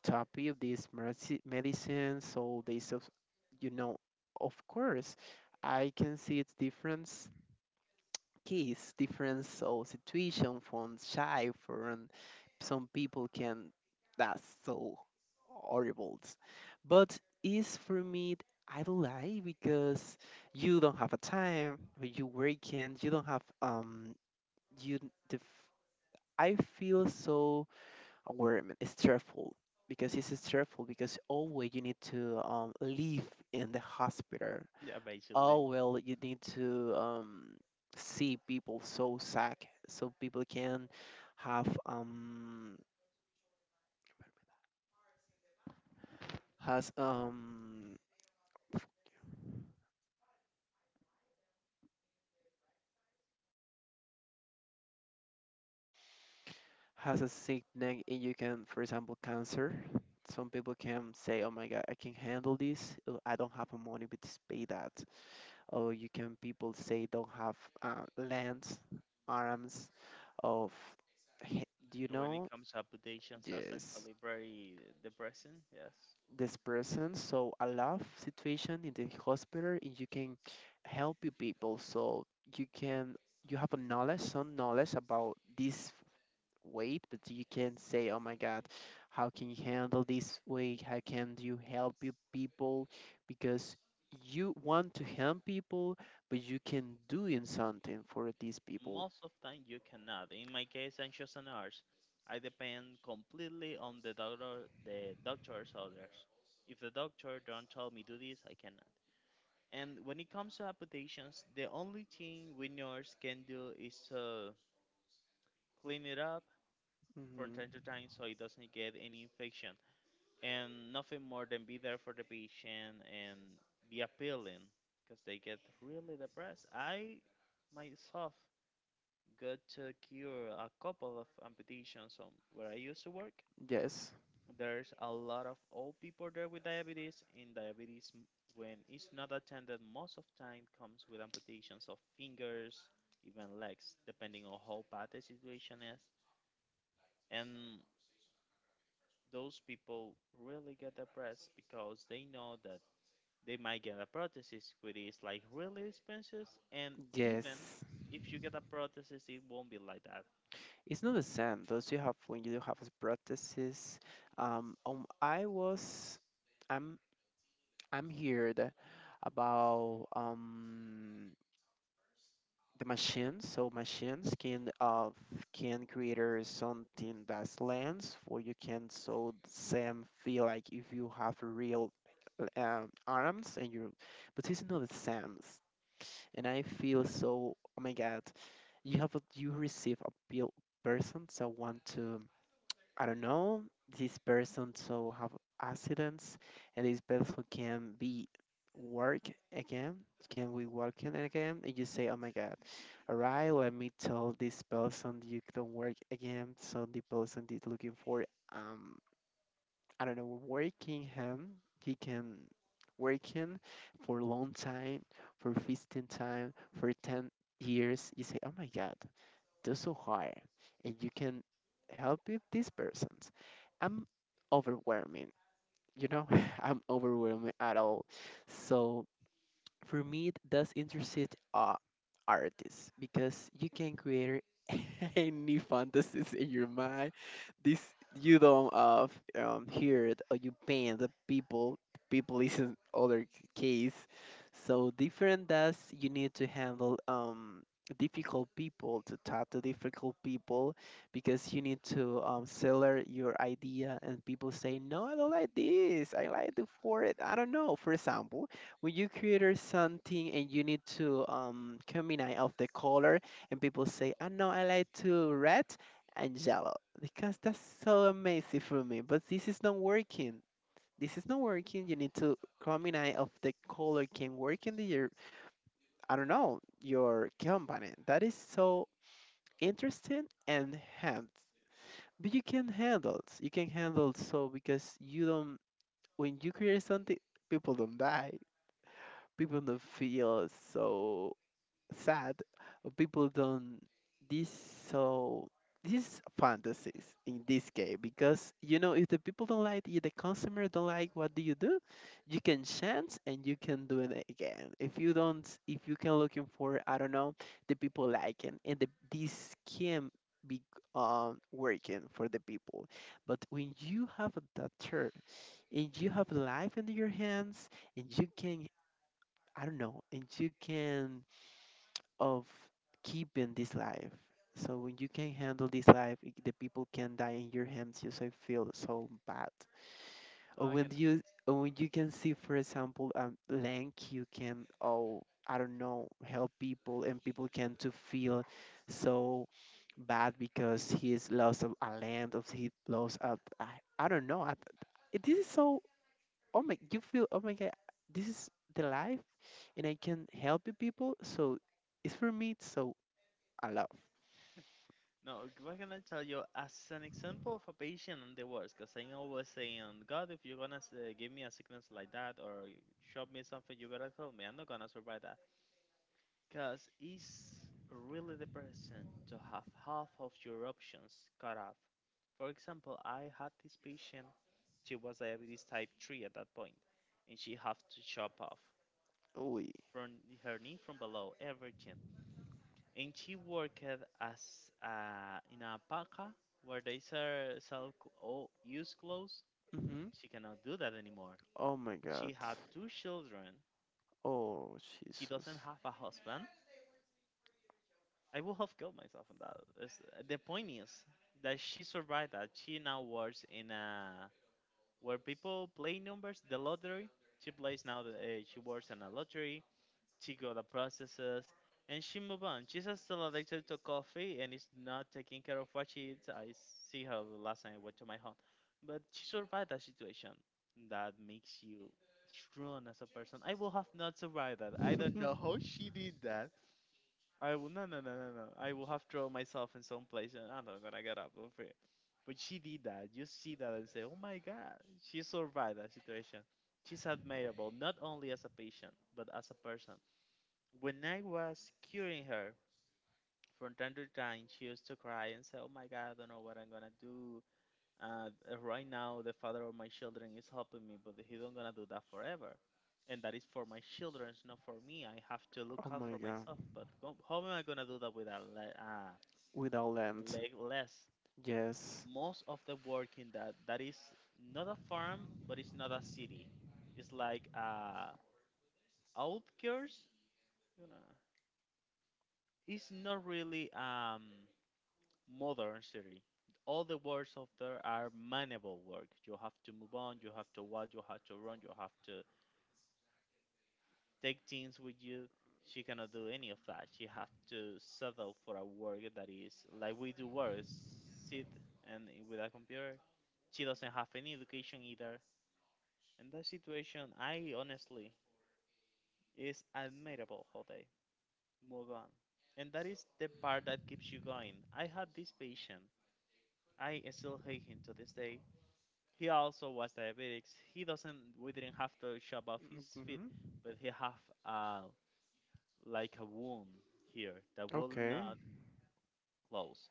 [SPEAKER 2] copy of these medici- medicines, so they self, you know, of course, I can see its difference case, difference so situation from shy from some people can, that's so horrible. But is for me I don't like because you don't have a time, you working, you don't have um you the f- I feel so environment. It's stressful because it's stressful because always you need to um, live in the hospital.
[SPEAKER 1] Yeah, basically.
[SPEAKER 2] Oh well, you need to um, see people so sick so people can have um has um has a sickness and you can for example cancer, some people can say, oh my god, I can handle this, uh, I don't have a money but just pay that, or you can people say don't have uh, legs, arms, of he- do you
[SPEAKER 1] When it
[SPEAKER 2] know,
[SPEAKER 1] comes to amputations, that's
[SPEAKER 2] yes,
[SPEAKER 1] actually very depressing.
[SPEAKER 2] this person. So a love situation in the hospital, and you can help you people. So you can you have a knowledge, some knowledge about this weight, but you can say, "Oh my God, how can you handle this weight? How can you help you people?" Because you want to help people, but you can do in something for these people.
[SPEAKER 1] Most of time you cannot. In my case, I anxious a nurse. I depend completely on the doctor, the doctor's orders. If the doctor don't tell me do this, I cannot. And when it comes to amputations, the only thing we nurse can do is to clean it up from
[SPEAKER 2] Hmm.
[SPEAKER 1] time to time so it doesn't get any infection. And nothing more than be there for the patient and be appealing because they get really depressed. I myself got to cure a couple of amputations on where I used to work.
[SPEAKER 2] Yes,
[SPEAKER 1] There's a lot of old people there with diabetes, and diabetes, m- when it's not attended, most of time comes with amputations of fingers, even legs, depending on how bad the situation is. And those people really get depressed because they know that they might get a prosthesis, which is like really expensive, and even
[SPEAKER 2] yes.
[SPEAKER 1] if you get a prosthesis, it won't be like that. You-
[SPEAKER 2] It's not the same. Those you have when you have prosthesis. Um, um, I was, I'm, I'm heard about um the machines. So machines can uh can create something that's lens where you can so same feel like if you have real um, arms and you but it's not the same. And I feel so oh my god, you have a, you receive a bill person so want to I don't know, this person so have accidents and this person can be work again, can we working again? And you say, oh my god, alright, let me tell this person you don't work again. So the person is looking for um I don't know, working him. He can working for a long time, for fifteen time, for ten years. You say, oh my god, do so hard and you can help with these persons. I'm overwhelming, you know, I'm overwhelming at all. So for me, it does interest uh, artists because you can create any fantasies in your mind, this you don't uh f- um hear it, or you pain the people. People is in other c- case, so different. That's you need to handle um difficult people, to talk to difficult people, because you need to um seller your idea, and people say, "No, I don't like this, I like the for it, I don't know." For example, when you create something and you need to um combine of the color, and people say, "I know, I like to red and yellow because that's so amazing for me." But this is not working. This is not working. You need to combine of the color can work in the your, I don't know your company. That is so interesting and hands. But you can handle it. You can handle so, because you don't, when you create something, people don't die. People don't feel so sad. People don't, this, so, this is fantasies in this case, because you know, if the people don't like you, the consumer don't like, what do you do? You can chance and you can do it again. If you don't, if you can looking for, I don't know, the people liking, and the, this can be, um, working for the people. But when you have that turn and you have life in your hands, and you can, I don't know, and you can, of keeping this life. So when you can handle this life, i- the people can die in your hands. You so feel so bad. Or
[SPEAKER 1] I can.
[SPEAKER 2] when you, or when you can see, for example, um, link you can, oh I don't know, help people, and people can to feel so bad because he is lost of a land, of he lost of, don't know. I, it- this is so, oh my, you feel, oh my God, this is the life, and I can help you people. So it's for me. It's so I love.
[SPEAKER 1] No, we're gonna tell you as an example of a patient and the worst, because I always saying, God, if you're gonna uh, give me a sickness like that, or show me something, you better tell me. I'm not gonna survive that, because it's really depressing to have half of your options cut off. For example, I had this patient; she was diabetes type three at that point, and she had to chop off
[SPEAKER 2] Oui.
[SPEAKER 1] from her knee from below everything, and she worked as, uh, in a paca where they sell sell cl- all used clothes.
[SPEAKER 2] Hmm.
[SPEAKER 1] She cannot do that anymore.
[SPEAKER 2] Oh my God.
[SPEAKER 1] She had two children.
[SPEAKER 2] Oh
[SPEAKER 1] She doesn't
[SPEAKER 2] Jesus.
[SPEAKER 1] have a husband. I would have killed myself on that. It's- the point is that she survived that. She now works in a where people play numbers, the lottery. She plays now. The, uh, she works in a lottery. She got the processes and she moved on. She's just still addicted to coffee and is not taking care of what she eats. I see her the last time I went to my home. But she survived that situation. That makes you strong as a person. I will have not survived that. I don't know how she did that. I will, no, no, no, no, no. I will have thrown myself in some place and I'm not gonna get up over it. But she did that. You see that and say, oh my god, she survived that situation. She's admirable, not only as a patient, but as a person. When I was curing her, from time to time she used to cry and say, "Oh my God, I don't know what I'm gonna do. Uh, uh, right now, the father of my children is helping me, but he don't gonna do that forever, and that is for my children, not for me. I have to
[SPEAKER 2] Oh
[SPEAKER 1] look out
[SPEAKER 2] my
[SPEAKER 1] for
[SPEAKER 2] God.
[SPEAKER 1] myself. But go- how am I gonna do that without le- uh,
[SPEAKER 2] Without land.
[SPEAKER 1] leg less?"
[SPEAKER 2] Yes.
[SPEAKER 1] Most of the work in that that is not a farm, but it's not a city. It's like uh, outskirts, you know. It's not really um modern city. All the words out there are manual work. You have to move on, you have to walk, you have to run, you have to take things with you. She cannot do any of that. She have to settle for a work that is like we do work, sit and with a computer. She doesn't have any education either. In that situation, I honestly is admirable how they move on. And that is the part that keeps you going. I had this patient. I still hate him to this day. He also was diabetics. He doesn't. We didn't have to shop off his feet,
[SPEAKER 2] Hmm.
[SPEAKER 1] but he have a like a wound here that will
[SPEAKER 2] Okay.
[SPEAKER 1] not close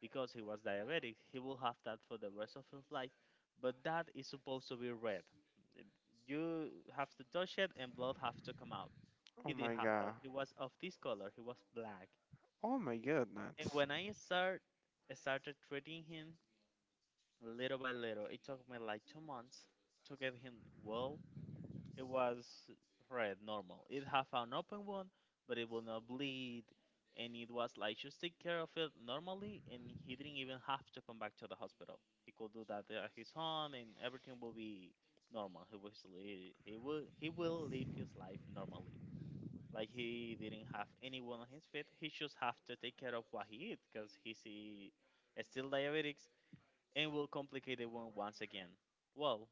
[SPEAKER 1] because he was diabetic. He will have that for the rest of his life, but that is supposed to be red. You have to touch it, and blood have to come out. He
[SPEAKER 2] Oh
[SPEAKER 1] didn't
[SPEAKER 2] my
[SPEAKER 1] have that.
[SPEAKER 2] God.
[SPEAKER 1] He was of this color. He was black.
[SPEAKER 2] Oh my
[SPEAKER 1] And
[SPEAKER 2] goodness.
[SPEAKER 1] when I start I started treating him little by little. It took me like two months to get him well. It was red, normal. It have an open wound, but it will not bleed. And it was like just take care of it normally, and he didn't even have to come back to the hospital. He could do that at his home, and everything will be normal. He will li- he will he will live his life normally. Like he didn't have anyone on his feet. He just have to take care of what he eat, cause he's eh, still diabetics, and will complicate the wound once again. Well,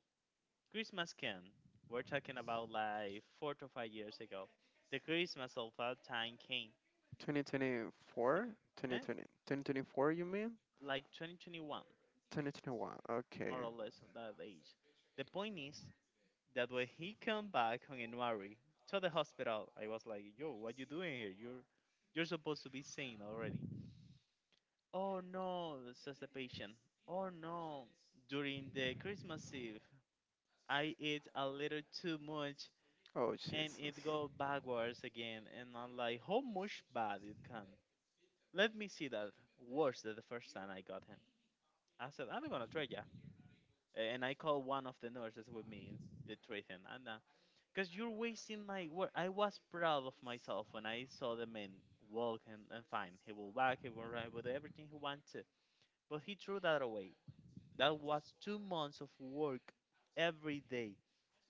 [SPEAKER 1] Christmas can. We're talking about like four to five years ago. The Christmas of that time came. He-
[SPEAKER 2] twenty twenty-four?
[SPEAKER 1] eh?
[SPEAKER 2] twenty twenty. twenty twenty-four, you mean?
[SPEAKER 1] Like twenty twenty-one,
[SPEAKER 2] twenty twenty-one.
[SPEAKER 1] more
[SPEAKER 2] Okay.
[SPEAKER 1] or less, on that age. The point is that when he came back on January to the hospital, I was like, "Yo, what you doing here? You're you're supposed to be sane already." Oh no, says the patient. Oh no, during the Christmas Eve, I ate a little too much
[SPEAKER 2] Oh
[SPEAKER 1] and
[SPEAKER 2] Jesus.
[SPEAKER 1] it go backwards again. And I'm like, how much bad it can? Let me see that. Worse than the first time I got him. I said I'm gonna trade ya, and I called one of the nurses with me to trade him, and uh, because you're wasting my work. I was proud of myself when I saw the man walk, and, and fine. He will walk, he will ride with everything he wants to, but he threw that away. That was two months of work, every day,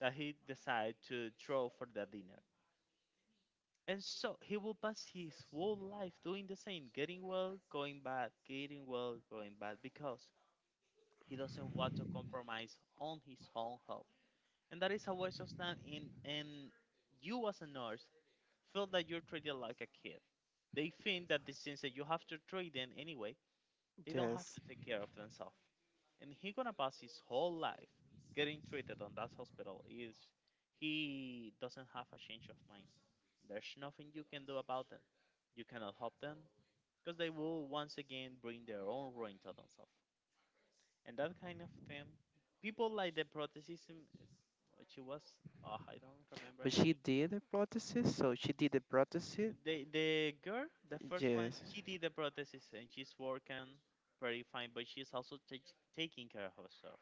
[SPEAKER 1] that he decided to throw for the dinner. And so he will pass his whole life doing the same, getting well, going bad, getting well, going bad, because he doesn't want to compromise on his own health. And that is a waste of time. In and you as a nurse feel that you're treated like a kid. They think that the things that you have to treat them anyway, they don't have
[SPEAKER 2] Yes.
[SPEAKER 1] to take care of themselves. And he gonna pass his whole life getting treated on that hospital is he doesn't have a change of mind. There's nothing you can do about them. You cannot help them, because they will once again bring their own ruin to themselves. And that kind of thing, people like the Protestantism, uh, she was, oh, I don't remember
[SPEAKER 2] But
[SPEAKER 1] her
[SPEAKER 2] she
[SPEAKER 1] name.
[SPEAKER 2] did a prosthesis, so she did a prosthesis.
[SPEAKER 1] The the girl, the first one,
[SPEAKER 2] Yes.
[SPEAKER 1] she did the prosthesis and she's working pretty fine, but she's also tak- taking care of herself.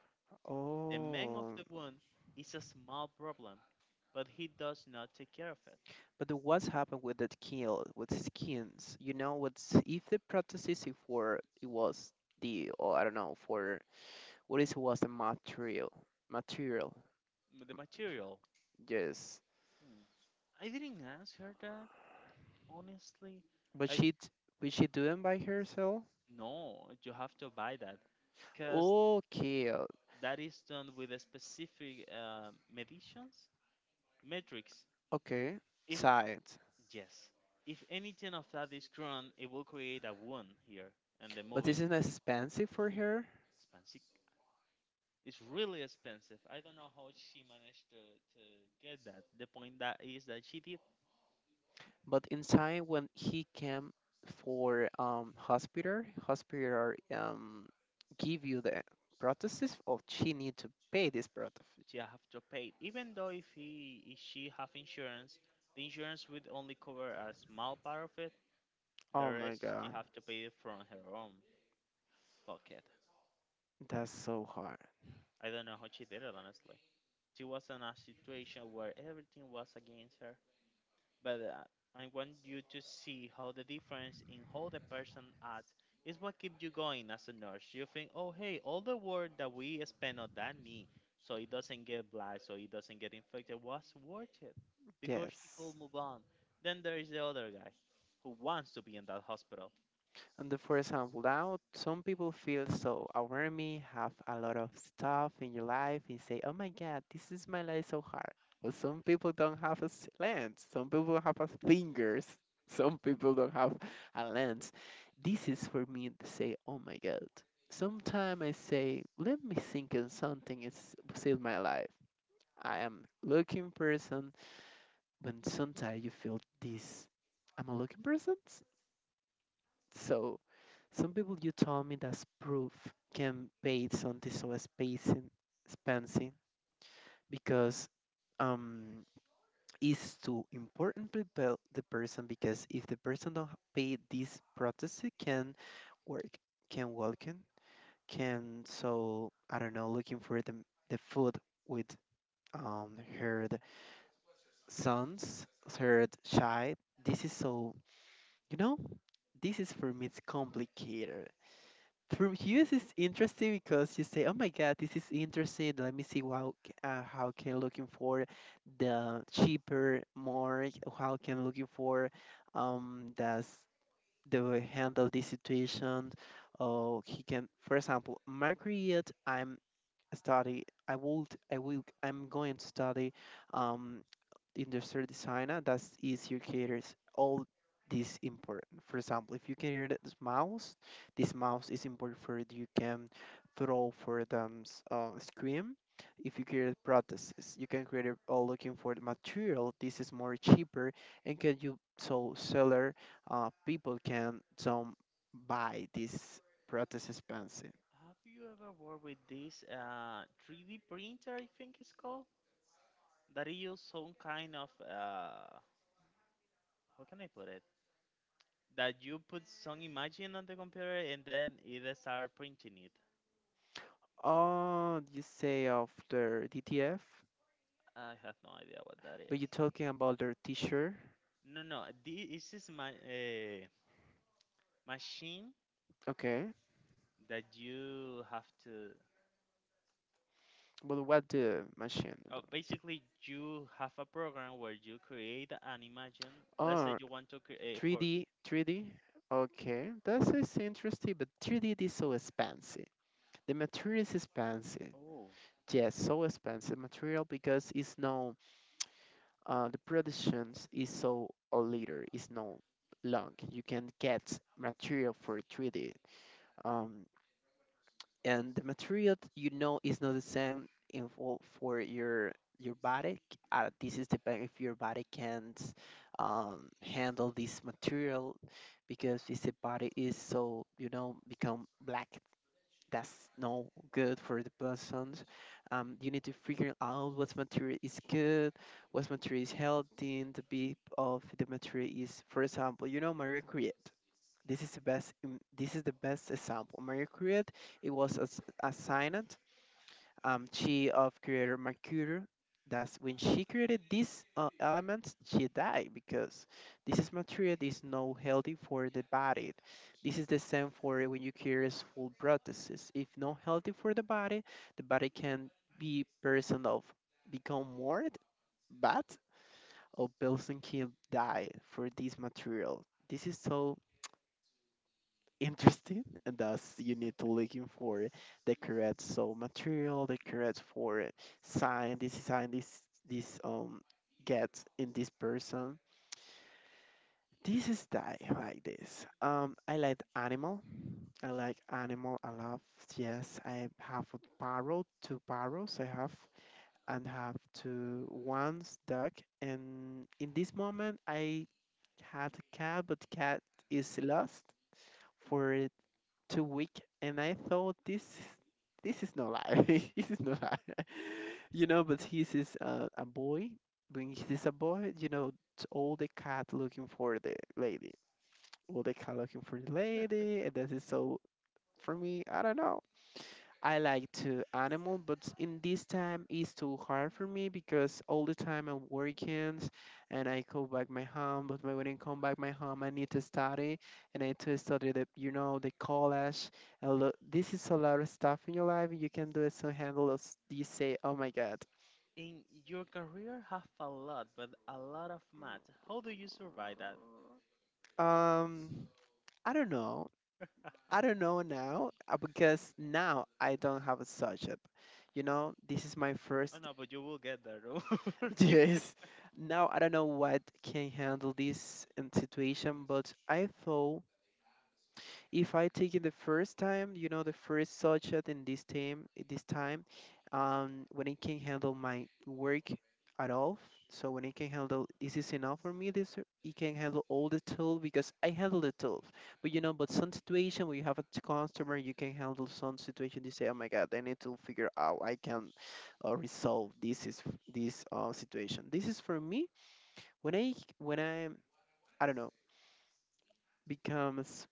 [SPEAKER 1] The man of
[SPEAKER 2] Oh.
[SPEAKER 1] the wound is a small problem, but he does not take care of it.
[SPEAKER 2] But the- what's happened with that keel, with skins? You know, what's if the prosthesis, if for it was the, or I don't know, for what is it, was the material, material.
[SPEAKER 1] M- The material.
[SPEAKER 2] Yes,
[SPEAKER 1] Hmm. I didn't ask her that, honestly.
[SPEAKER 2] but
[SPEAKER 1] I
[SPEAKER 2] she t- but she doing by herself.
[SPEAKER 1] No, you have to buy that because
[SPEAKER 2] Okay,
[SPEAKER 1] that is done with a specific uh, meditions metrics.
[SPEAKER 2] okay,
[SPEAKER 1] If
[SPEAKER 2] side.
[SPEAKER 1] yes, if anything of that is grown, it will create a one here and the
[SPEAKER 2] But
[SPEAKER 1] moving
[SPEAKER 2] isn't it
[SPEAKER 1] part.
[SPEAKER 2] expensive for her?
[SPEAKER 1] Expensive. It's really expensive. I don't know how she managed to, to get that. The point that is that she did.
[SPEAKER 2] But in time, when he came for um hospital, hospital um give you the prosthesis, or she need to pay this prosthesis?
[SPEAKER 1] She have to pay. Even though if he if she have insurance, the insurance would only cover a small part of it. The
[SPEAKER 2] Oh my
[SPEAKER 1] rest she
[SPEAKER 2] God.
[SPEAKER 1] have to pay it from her own pocket.
[SPEAKER 2] That's so hard.
[SPEAKER 1] I don't know how she did it honestly. She was in a situation where everything was against her. But uh, I want you to see how the difference in how the person acts is what keeps you going as a nurse. You think, oh, hey, all the work that we spend on that knee so it doesn't get black, so it doesn't get infected was worth it because she could
[SPEAKER 2] Yes.
[SPEAKER 1] move on. Then there is the other guy who wants to be in that hospital.
[SPEAKER 2] And the first example out, some people feel so overwhelmed, have a lot of stuff in your life, and say, "Oh my God, this is my life so hard." But some people don't have a s- lens. Some people have a fingers. Some people don't have a lens. This is for me to say, "Oh my God." Sometimes I say, "Let me think in something is save my life." I am looking person, but sometimes you feel this. I'm a looking person, so some people, you told me that proof, can pay something so expensive, expensive, because um is to important people, the person, because if the person don't pay this protest, it can work, can walk in, can so, I don't know, looking for the the food, with um her the sons, her child. This is so, you know, this is for me, it's complicated. For you, this is interesting, because you say, "Oh my God, this is interesting, let me see how c- uh, how can looking for the cheaper more, how can looking for, um that's, they will handle this situation." Or he can, for example, my career, I'm study I would I will I'm going to study, um industrial design, and that's easier caters all this import. For example, if you cater this mouse, this mouse is important for it, you can throw for the, um, s- uh, screen. If you create prosthesis, you can create it all looking for the material. This is more cheaper, and can you so seller, uh, people can some buy this prosthesis pencil.
[SPEAKER 1] Have you ever worked with this uh, three D printer, I think it's called? That it use some kind of, uh, how can I put it? That you put some imagine on the computer and then it start printing it.
[SPEAKER 2] Oh, you say of their D T F,
[SPEAKER 1] I have no idea what that
[SPEAKER 2] but
[SPEAKER 1] is.
[SPEAKER 2] you're talking about their T-shirt.
[SPEAKER 1] No, no, thi- this is my uh, machine
[SPEAKER 2] Okay.
[SPEAKER 1] that you have to.
[SPEAKER 2] But what the machine
[SPEAKER 1] Oh,
[SPEAKER 2] do?
[SPEAKER 1] basically, you have a program where you create an imagine. Let's say
[SPEAKER 2] Oh,
[SPEAKER 1] you want to create for.
[SPEAKER 2] three D, three D. Okay, that is interesting, but three D is so expensive. The material is expensive.
[SPEAKER 1] Oh,
[SPEAKER 2] Yes, so expensive material, because it's no, uh, the productions is so a liter, it's no long. You can get material for three D. Um, and the material that you know is not the same in for, for your your body, c- uh, this is depend if your body can't, um, handle this material, because if the body is so, you know, become black, that's no good for the persons. um, you need to figure out what material is good, what material is healthy, and the bit of the material is, for example, you know, Maria Curie. This is the best. im- This is the best example. Marie Curie, it was a, s- a scientist, um, she of creator Mercury. That's when she created these uh, elements, she died because this is material that is not healthy for the body. This is the same for when you create full prosthesis. If not healthy for the body, the body can be, person of, become more bad, or person can die for this material. This is so interesting, and thus you need to looking for the correct so material, the correct for sign, this sign, this this um gets in this person. This is die like this. Um I like animal, I like animal a lot. Yes, I have a parrot, two parrots I have, and have two one's duck. And in this moment I had a cat, but cat is lost, for too weak, and I thought this is- this is no lie, this is no lie, you know. But he's is uh, a boy. When he's a boy, you know, it's all the cat looking for the lady, all the cat looking for the lady, and this is so. For me, I don't know. I like to animal, but in this time it's too hard for me, because all the time I'm working, and I go back my home, but when I come back my home, I need to study, and I need to study the, you know, the college. A lot, this is a lot of stuff in your life. You can do it to handle us. You say, oh my God.
[SPEAKER 1] in your career, have a lot, but a lot of math. How do you survive that?
[SPEAKER 2] Um, I don't know. I don't know now, uh, because now I don't have a subject. You know, this is my
[SPEAKER 1] Oh
[SPEAKER 2] first.
[SPEAKER 1] no, but you will get there. Don't worry.
[SPEAKER 2] Yes. Now I don't know what can handle this, um, situation, but I thought, if I take it the first time, you know, the first shot in this time, this time, um, when it can handle my work at all. So when it can handle, this is enough for me. This it can handle all the tool, because I handle the tool. But you know, but some situation where you have a t- customer, you can handle some situation. You say, "Oh my God, I need to figure out I can, uh, resolve this is this uh, situation." This is for me, when I when I I don't know becomes.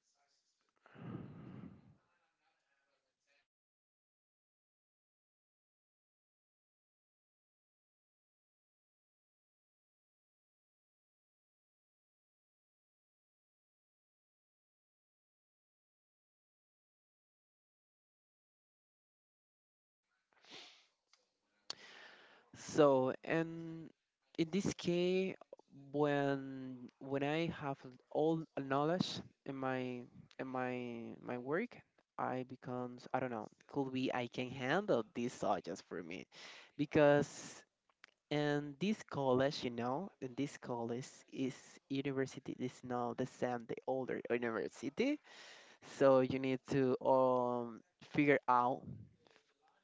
[SPEAKER 2] So, and in this case, when when I have all a knowledge in my in my my work, I becomes, I don't know, could be I can handle these subjects for me, because in this college, you know, in this college is university, is not the same the older university, so you need to um figure out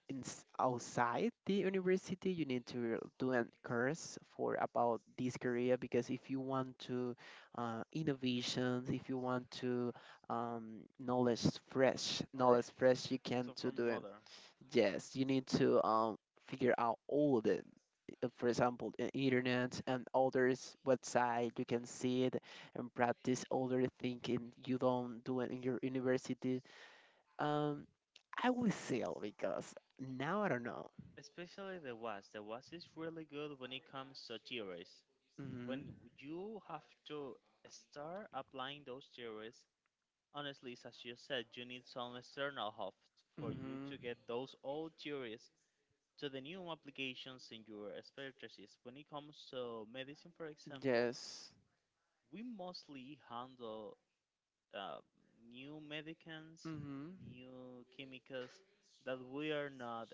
[SPEAKER 2] in, s- outside the university, you need to do a course for about this career, because if you want to uh, innovations, if you want to um, knowledge fresh,
[SPEAKER 1] All
[SPEAKER 2] knowledge
[SPEAKER 1] right.
[SPEAKER 2] fresh, you can
[SPEAKER 1] So
[SPEAKER 2] to
[SPEAKER 1] from
[SPEAKER 2] do it.
[SPEAKER 1] mother.
[SPEAKER 2] Yes, you need to um, figure out all the, uh, for example, the internet and others website, you can see it, and practice other thinking you don't do it in your university, um, I will seal because now I don't know.
[SPEAKER 1] Especially the was. The was is really good when it comes to theories. When
[SPEAKER 2] Mm-hmm.
[SPEAKER 1] you have to start applying those theories, honestly, it's as you said, you need some external help for you to
[SPEAKER 2] Mm-hmm.
[SPEAKER 1] get those old theories to the new applications in your expertise. When it comes to medicine, for example,
[SPEAKER 2] Yes.
[SPEAKER 1] we mostly handle uh, new medicines,
[SPEAKER 2] Mm-hmm.
[SPEAKER 1] new chemicals that we are not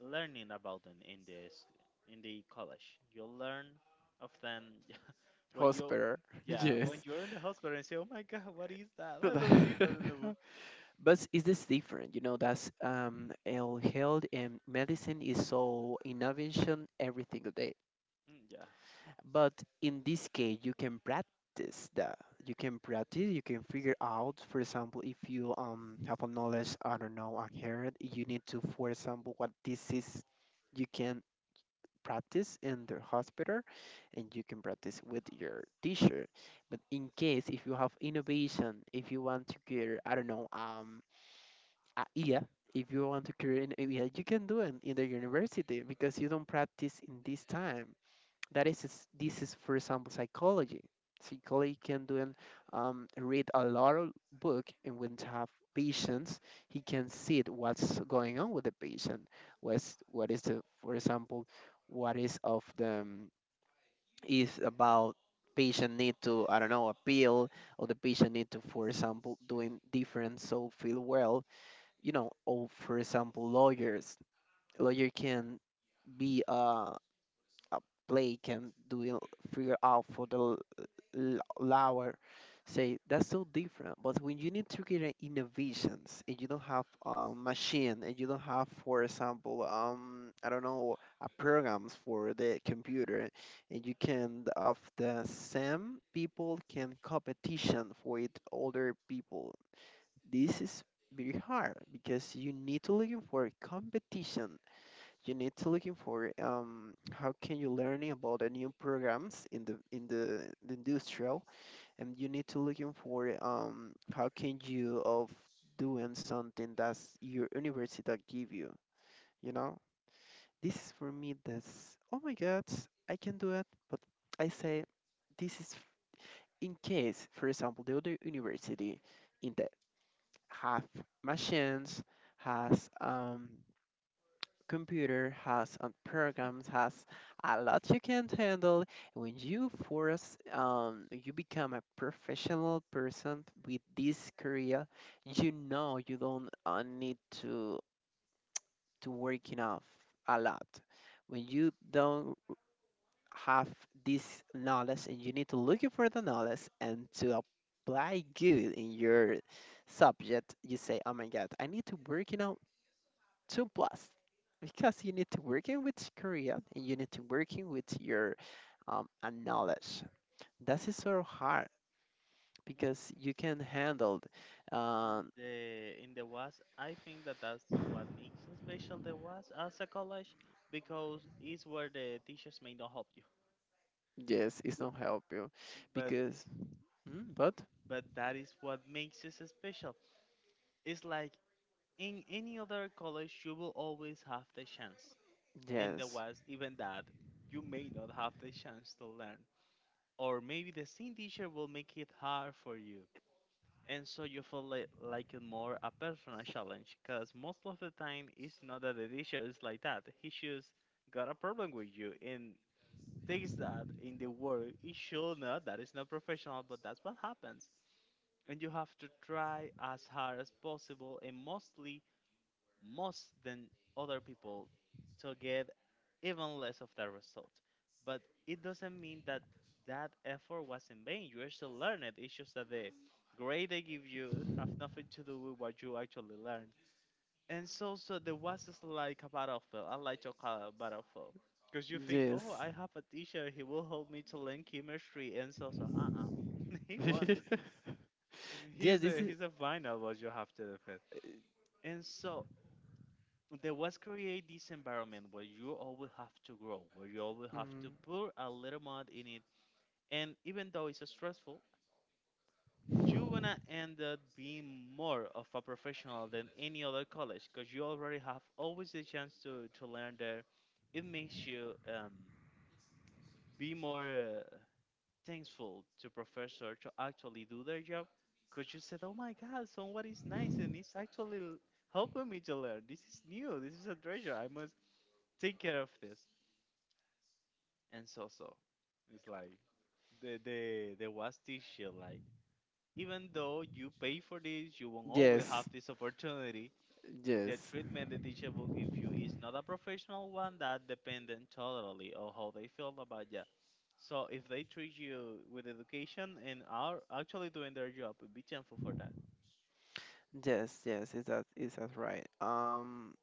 [SPEAKER 1] learning about them in this in the college. You learn of them when you
[SPEAKER 2] Hospital.
[SPEAKER 1] yeah when
[SPEAKER 2] Yes.
[SPEAKER 1] you're in the hospital and say, "Oh my God, what is that? I
[SPEAKER 2] But
[SPEAKER 1] don't see that in the book."
[SPEAKER 2] is this different? You know, that's um, el- health and medicine is so innovation every single day.
[SPEAKER 1] Mm, yeah,
[SPEAKER 2] But in this case, you can practice that. You can practice. You can figure out. For example, if you um have a knowledge, I don't know, a hair, you need to, for example, what this is. You can practice in the hospital, and you can practice with your teacher, but in case if you have innovation, if you want to cure, I don't know, um a yeah, if you want to cure an idea, you can do it in the university because you don't practice in this time. That is, is- this is, for example, psychology. Psychology can do, and um, read a lot of book, and when to have patients, he can see it, what's going on with the patient. What's what is the, for example, what is of them is about patient need to, I don't know appeal, or the patient need to, for example, doing different so feel well. You know, or for example, lawyers. Lawyer can be a uh, play can do it. Figure out for the l- l- lower, say, that's so different. But when you need to get an innovations and you don't have a machine and you don't have, for example, um I don't know, a programs for the computer, and you can of the same people can competition with older people, this is very hard because you need to look for competition. You need to looking for um, how can you learning about the new programs in the in the, the industrial. And you need to looking for um, how can you of doing something that's your university that give you, you know, this is for me, that's, oh my God, I can do it. But I say this is, in case, for example, the other university in the have machines, has um, computer has, and programs has a lot, you can't handle. When you force, um, you become a professional person with this career, you know you don't uh, need to to work enough a lot. When you don't have this knowledge and you need to look for the knowledge and to apply good in your subject, you say, "Oh my God, I need to work, you two plus, because you need to work in with Korea and you need to work in with your um, uh, knowledge. That is so hard
[SPEAKER 1] in
[SPEAKER 2] because you can handle."
[SPEAKER 1] in
[SPEAKER 2] Um,
[SPEAKER 1] the in the was I think that that's what makes it special, the was as a college, because it's where the teachers may not help you.
[SPEAKER 2] yes, it's
[SPEAKER 1] The-
[SPEAKER 2] not help you
[SPEAKER 1] But
[SPEAKER 2] because, mm, but
[SPEAKER 1] but that is what makes it special. It's like in any other college, you will always have the chance, and the
[SPEAKER 2] yes,
[SPEAKER 1] was even that you may not have the chance to learn. Or maybe the same teacher will make it hard for you. And so you feel like, like it more a personal challenge because most of the time it's not that the teacher is like that. He just got a problem with you and takes that in the world. It should not
[SPEAKER 2] yes. Yes. This is, mm, yes, yes, yes, yes. Is that, is that right? Um.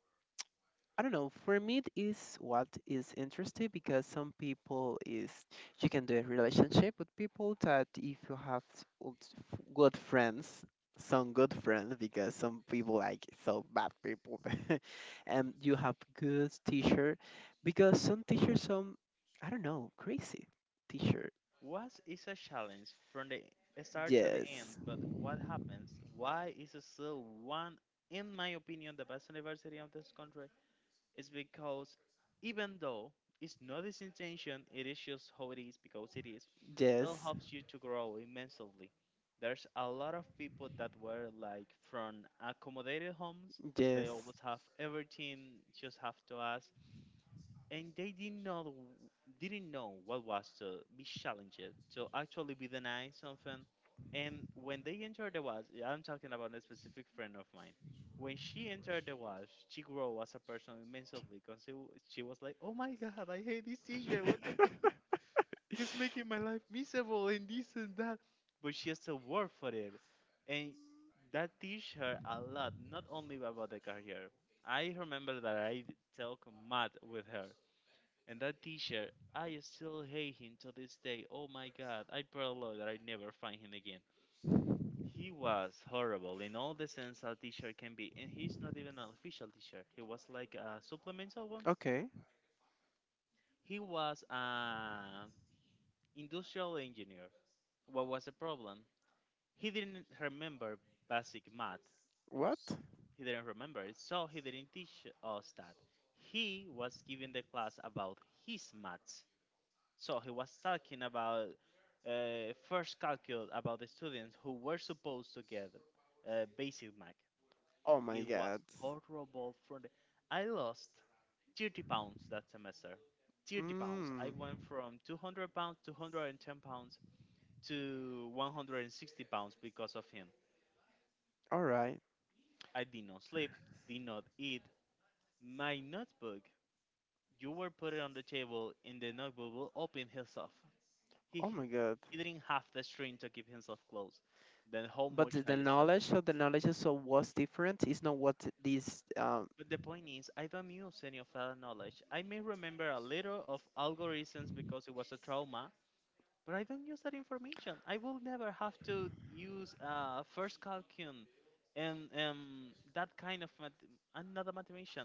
[SPEAKER 2] I don't know. For me, it is what is interesting because some people is, you can do a relationship with people that if you have s- old f- good friends, some good friends, because some people like so bad people, and you have good teacher, because some teachers, some, I don't know, crazy teacher. Yes, yes, yes. Okay, what? Oh my God. Mm. All right. Oh my God. But the the knowledge of the knowledge is so, what's different is not what this. Um,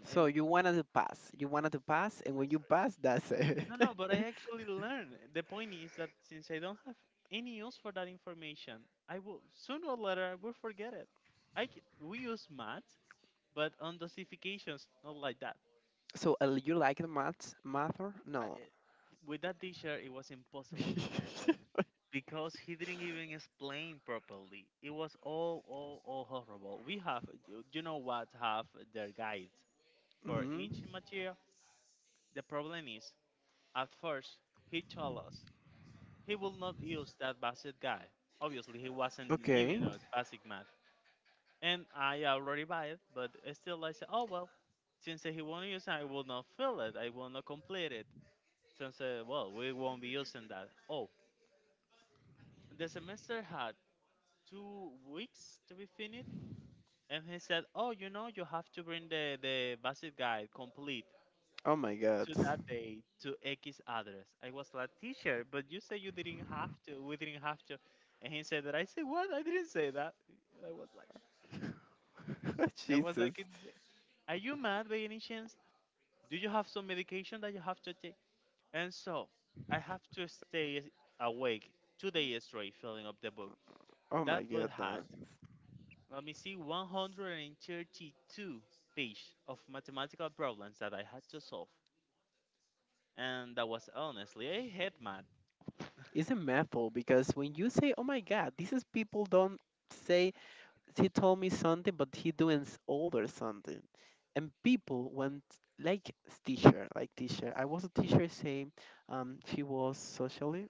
[SPEAKER 2] so you wanted to pass, you wanted to pass, and when you pass, that's it. So uh, you like the math, math, or no? Hmm. Okay. Oh my God. Jesus. Oh my God. uh. It's a method, because when you say, "Oh my God," this is people don't say he told me something, but he doing s- over something. And people went like teacher, like teacher. I was a teacher saying, um, she was socially,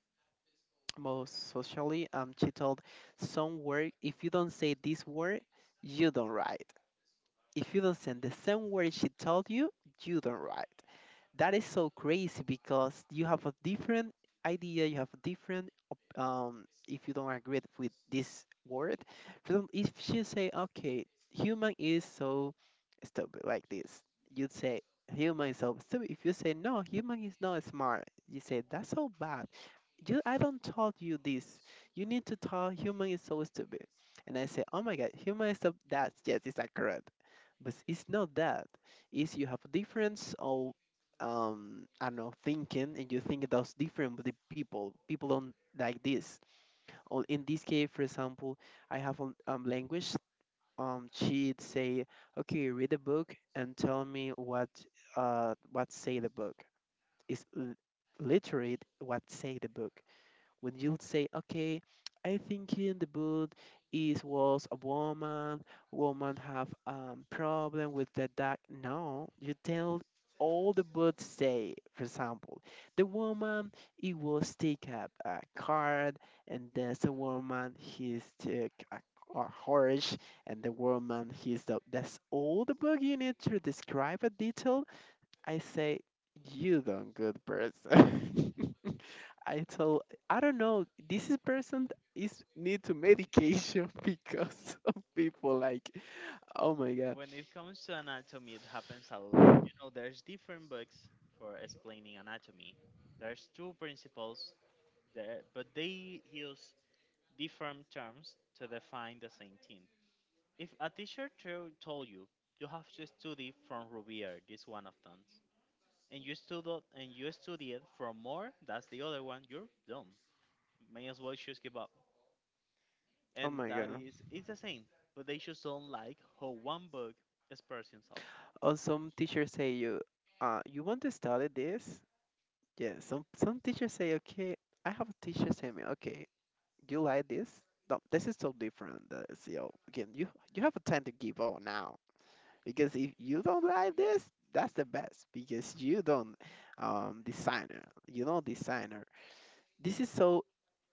[SPEAKER 2] most socially. Um, she told some word. If you don't say this word, you don't write. If you don't send the same word she told you, you don't write. That is so crazy because you have a different idea, you have a different, op- um, if you don't agree with this word, for example, if she say, okay, human is so stupid, like this, you'd say, human is so stupid. If you say, no, human is not smart, you say, that's so bad. You, I don't told you this. You need to tell human is so stupid. And I say, oh my God, human is so, that's, yes, it's accurate. But it's not that is you have a difference of um I don't know, thinking, and you think that's different with the people. People don't like this. Or in this case, for example, I have a um, language, um she'd say, okay, read the book and tell me what, uh what say the book is, l- literate, what say the book. When you'll say, okay, I think in the book is was a woman, woman have um problem with the dog. No, you tell all the books say, for example, the woman, it was take up a card, and there's a woman he's took a a horse, and the woman he's the, that's all the book, you need to describe a detail. I say, you don't good person. I told, I don't know this is person is need to medication. Because of people like, oh my God, oh my God. Or some teachers say you, uh you want to study this. Yeah, some some teachers say, okay, I have a teacher say me, okay, you like this. No, this is so different. The C E O, again, you you have a time to give all now, because if you don't like this, that's the best because you don't, um designer, you know, designer, this is so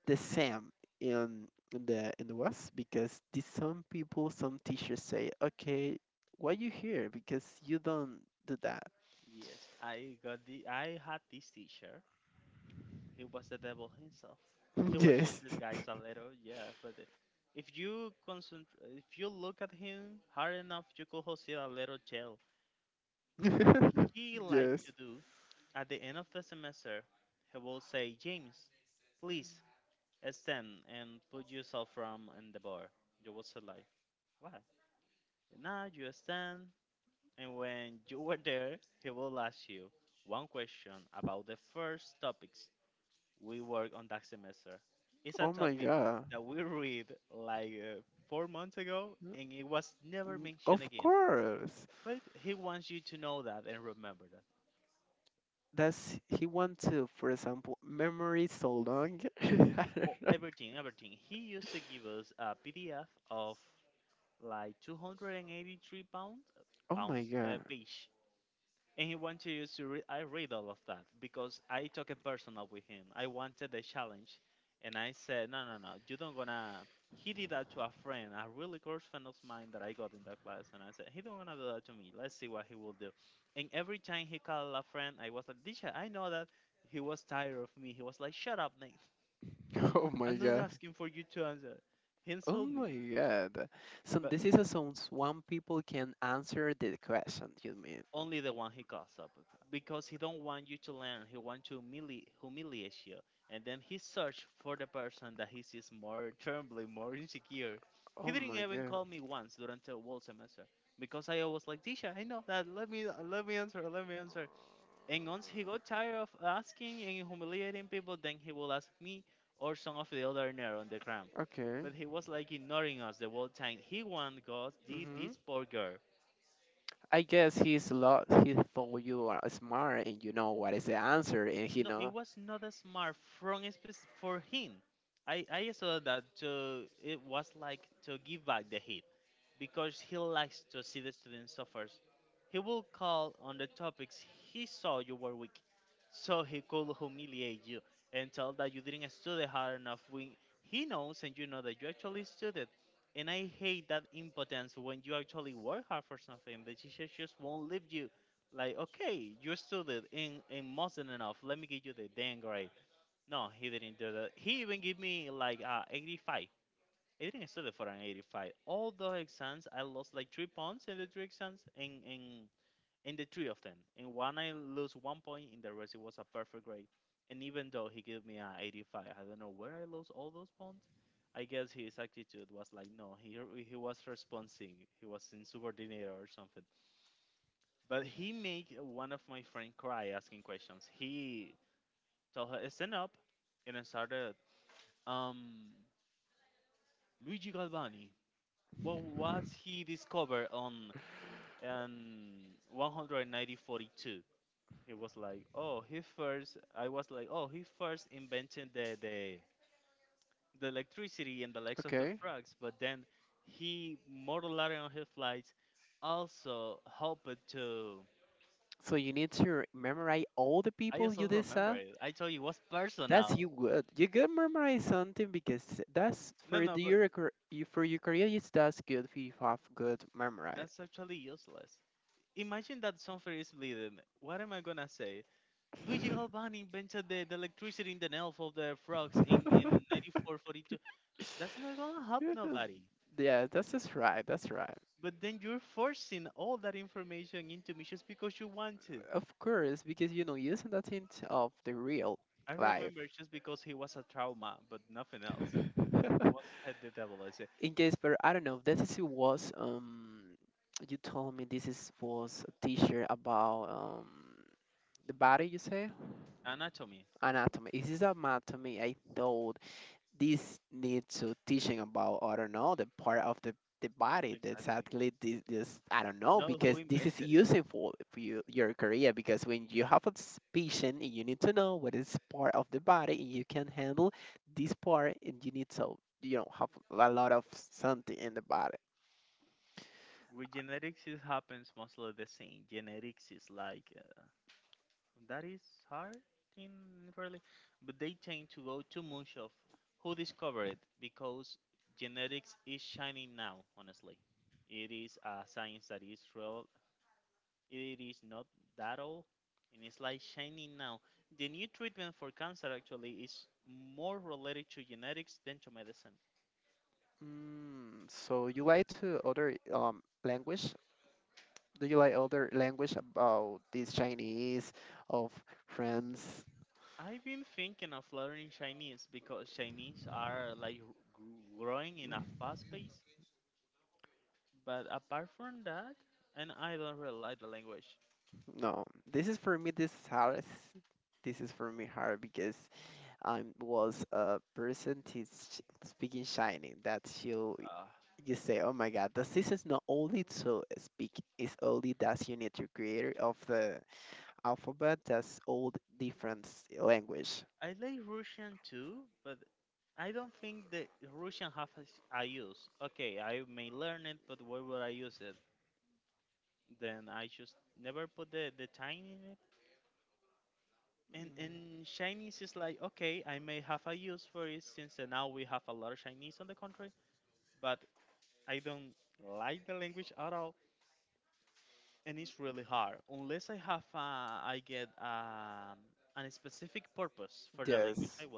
[SPEAKER 2] the same in in the in the West, because the, some people, some teachers say, "Okay, why you here? Because you don't do that." Yes. Yes. Oh my God. Mm, of course. Does he want to, for example, memory so long? I don't know. Oh my God. Oh my God. Oh my God. So this is a song, one people can answer the question, you mean? Oh my God. Okay. Hmm. I guess he's a lot. He thought you are smart and you know what is the answer, and he know. Okay. So you need to memorize all the people you did decide. That's you good. You good memorize something because that's for the, your car- you- for your career. It's, that's good if you have good memorize. Yeah, that's just right. That's right. Of course, because you know, using that hint of the real life. In case Jasper, I don't know. This is, it was, um you told me this is was a teacher about um the body, you say? Anatomy. Is this anatomy? I thought this needs to teaching about, I don't know, the part of the the body that actually this, this I don't know, because this is useful for, for you, your career, because when you have a s- patient you need to know what is part of the body and you can handle this part, and you need to, you know, have a lot of something in the body. Mm, so you like to other um language? Do you like other language about this, Chinese of France? Mm, no, this is for me. This is hard. This is for me hard because I was a person tis sh- speaking shiny that you you say, oh my God, the this is not only to speak. It's only that you need to create of the alphabet. That's all different language. Mm. Yes.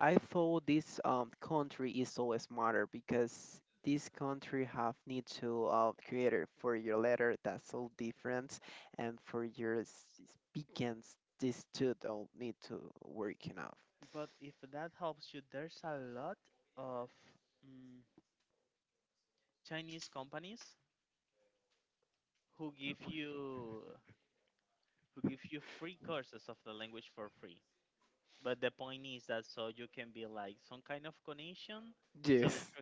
[SPEAKER 2] I thought this um, country is so smarter because this country have need to uh, create it for your letter, that's so different, and for your s- speakings, these two don't need to work enough. Yes.